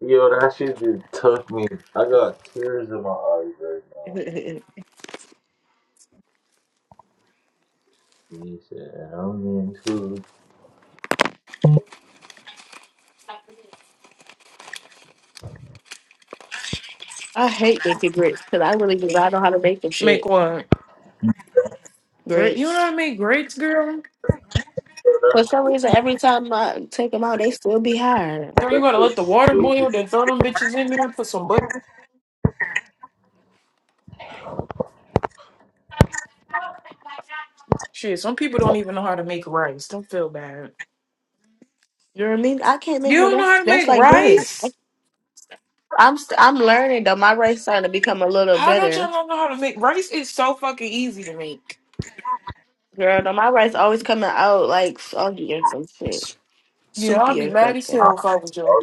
[SPEAKER 7] Yo, that shit just took me. I got tears in my eyes right now. He said, I'm in too.
[SPEAKER 14] I hate making grits because I really do not know how to make them
[SPEAKER 13] Make
[SPEAKER 14] shit
[SPEAKER 13] what? Great, you know
[SPEAKER 14] grits.
[SPEAKER 13] what I mean? Grapes, girl.
[SPEAKER 7] Yo, that
[SPEAKER 14] For some
[SPEAKER 7] shit,
[SPEAKER 14] reason, every time I take them out, they still be hard.
[SPEAKER 13] Girl, you
[SPEAKER 7] that
[SPEAKER 13] gotta
[SPEAKER 7] shit
[SPEAKER 13] let the water
[SPEAKER 7] stupid.
[SPEAKER 13] boil, then throw them bitches in there and put some butter. Shit, some people don't even know how to make rice. Don't feel bad.
[SPEAKER 14] You know what I mean? I can't
[SPEAKER 13] You
[SPEAKER 14] make no.
[SPEAKER 13] don't know
[SPEAKER 14] That's
[SPEAKER 13] how to
[SPEAKER 14] that's
[SPEAKER 13] make
[SPEAKER 14] like grits.
[SPEAKER 13] rice?
[SPEAKER 14] I'm st- I'm learning though. My rice starting to become a little
[SPEAKER 13] How don't y'all
[SPEAKER 14] better,
[SPEAKER 13] not know how to make rice? Is so fucking easy to make.
[SPEAKER 14] girl. Though my rice always coming out like soggy or some shit,
[SPEAKER 13] Yeah, I'd
[SPEAKER 14] soupy
[SPEAKER 13] be
[SPEAKER 14] or
[SPEAKER 13] mad as
[SPEAKER 7] I,
[SPEAKER 14] something.
[SPEAKER 13] hell if I was you.
[SPEAKER 7] I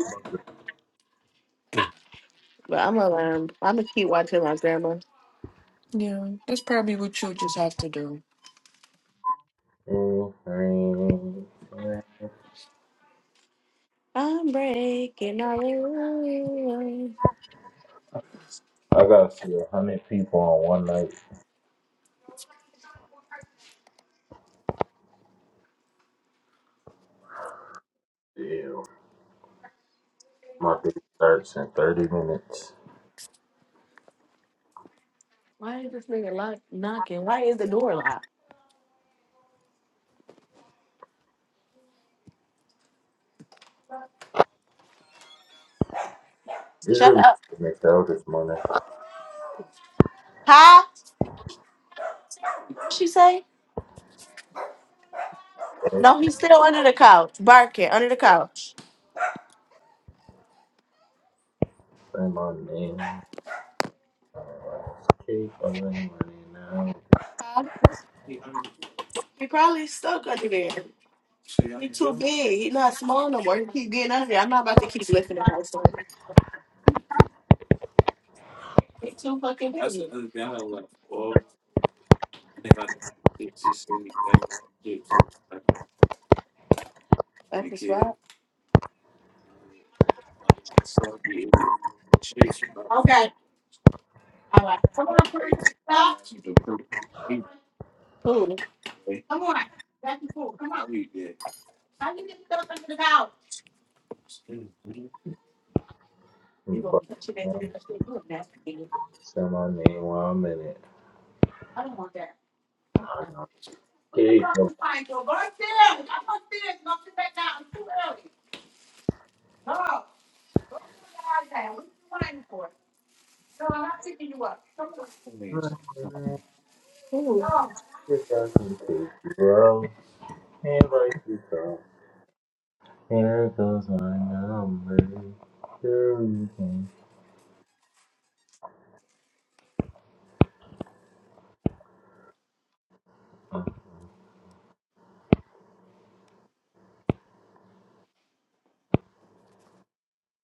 [SPEAKER 14] But I'm gonna learn. I'm gonna keep watching my grandma.
[SPEAKER 13] Yeah, that's probably what you just have to do.
[SPEAKER 7] remember
[SPEAKER 14] I'm breaking all the rules.
[SPEAKER 7] I gotta see a hundred people on one night. Damn. My day starts in 30 minutes.
[SPEAKER 14] Why is this nigga lock- knocking? Why is the door locked? Shut
[SPEAKER 7] Usually,
[SPEAKER 14] up.
[SPEAKER 7] it makes out this morning.
[SPEAKER 14] Huh? What she say? No, he's still under the couch, barking under the couch.
[SPEAKER 7] Say my name. Keep on running now.
[SPEAKER 14] He probably stuck under there. He's too big. He's not small no more. He keep getting under there. I'm not about to keep lifting the couch. They fucking busy. Who?
[SPEAKER 7] But now, say my name while I'm in it. I know. Keep on running.
[SPEAKER 14] Who?
[SPEAKER 7] If I can take you out and like you come. Here goes my number. Sure, you can.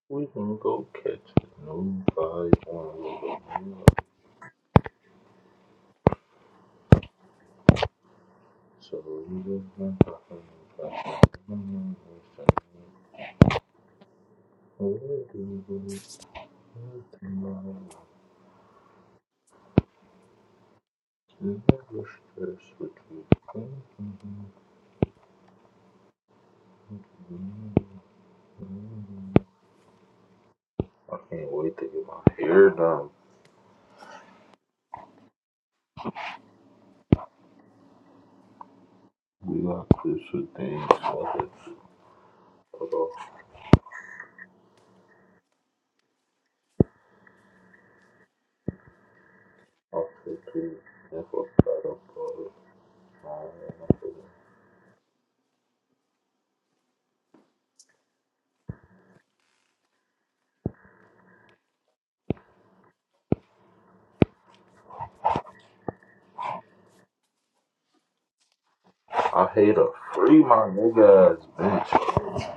[SPEAKER 7] We can go catch it. Nobody wants to So you my papa, papa, mama, I can't wait to get my hair done. We got this with things like this. But uh, I'll too, if I uh, I don't know. I hate a free my nigga ass bitch.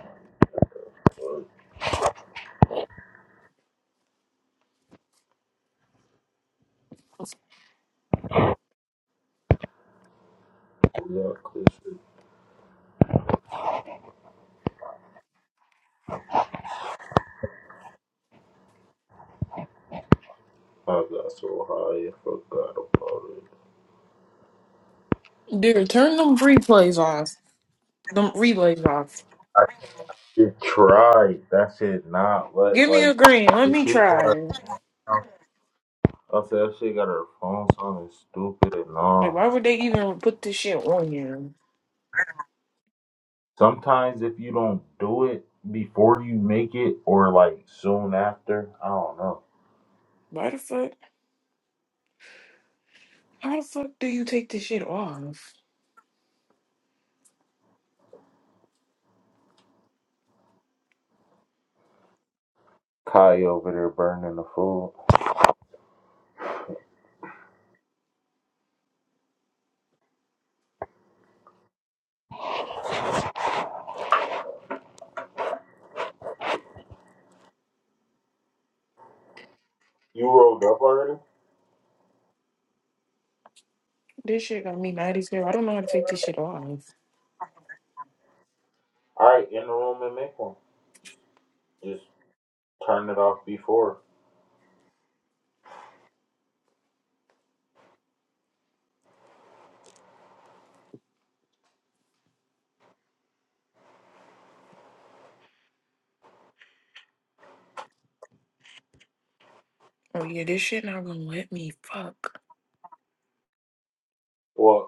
[SPEAKER 7] We got crucial I got so high, I forgot about it.
[SPEAKER 13] Dude, turn them replays off. Them replays off.
[SPEAKER 7] I should try. That shit not let
[SPEAKER 13] Give me a
[SPEAKER 7] like
[SPEAKER 13] green. Let
[SPEAKER 7] the
[SPEAKER 13] me
[SPEAKER 7] she got her.
[SPEAKER 13] try.
[SPEAKER 7] I said that shit got her phone sounding stupid and
[SPEAKER 13] Like,
[SPEAKER 7] all.
[SPEAKER 13] why would they even put this shit on you?
[SPEAKER 7] Sometimes if you don't do it before you make it or like soon after, I don't know.
[SPEAKER 13] Why the fuck? How the fuck do you take this shit off?
[SPEAKER 7] Kai over there burning the food. You rolled up already?
[SPEAKER 13] This shit got me mad as hell. I don't know how to take this shit off.
[SPEAKER 7] Alright, in the room and make one. Just turn it off before.
[SPEAKER 13] Oh yeah, this shit not gonna let me. Fuck.
[SPEAKER 7] What?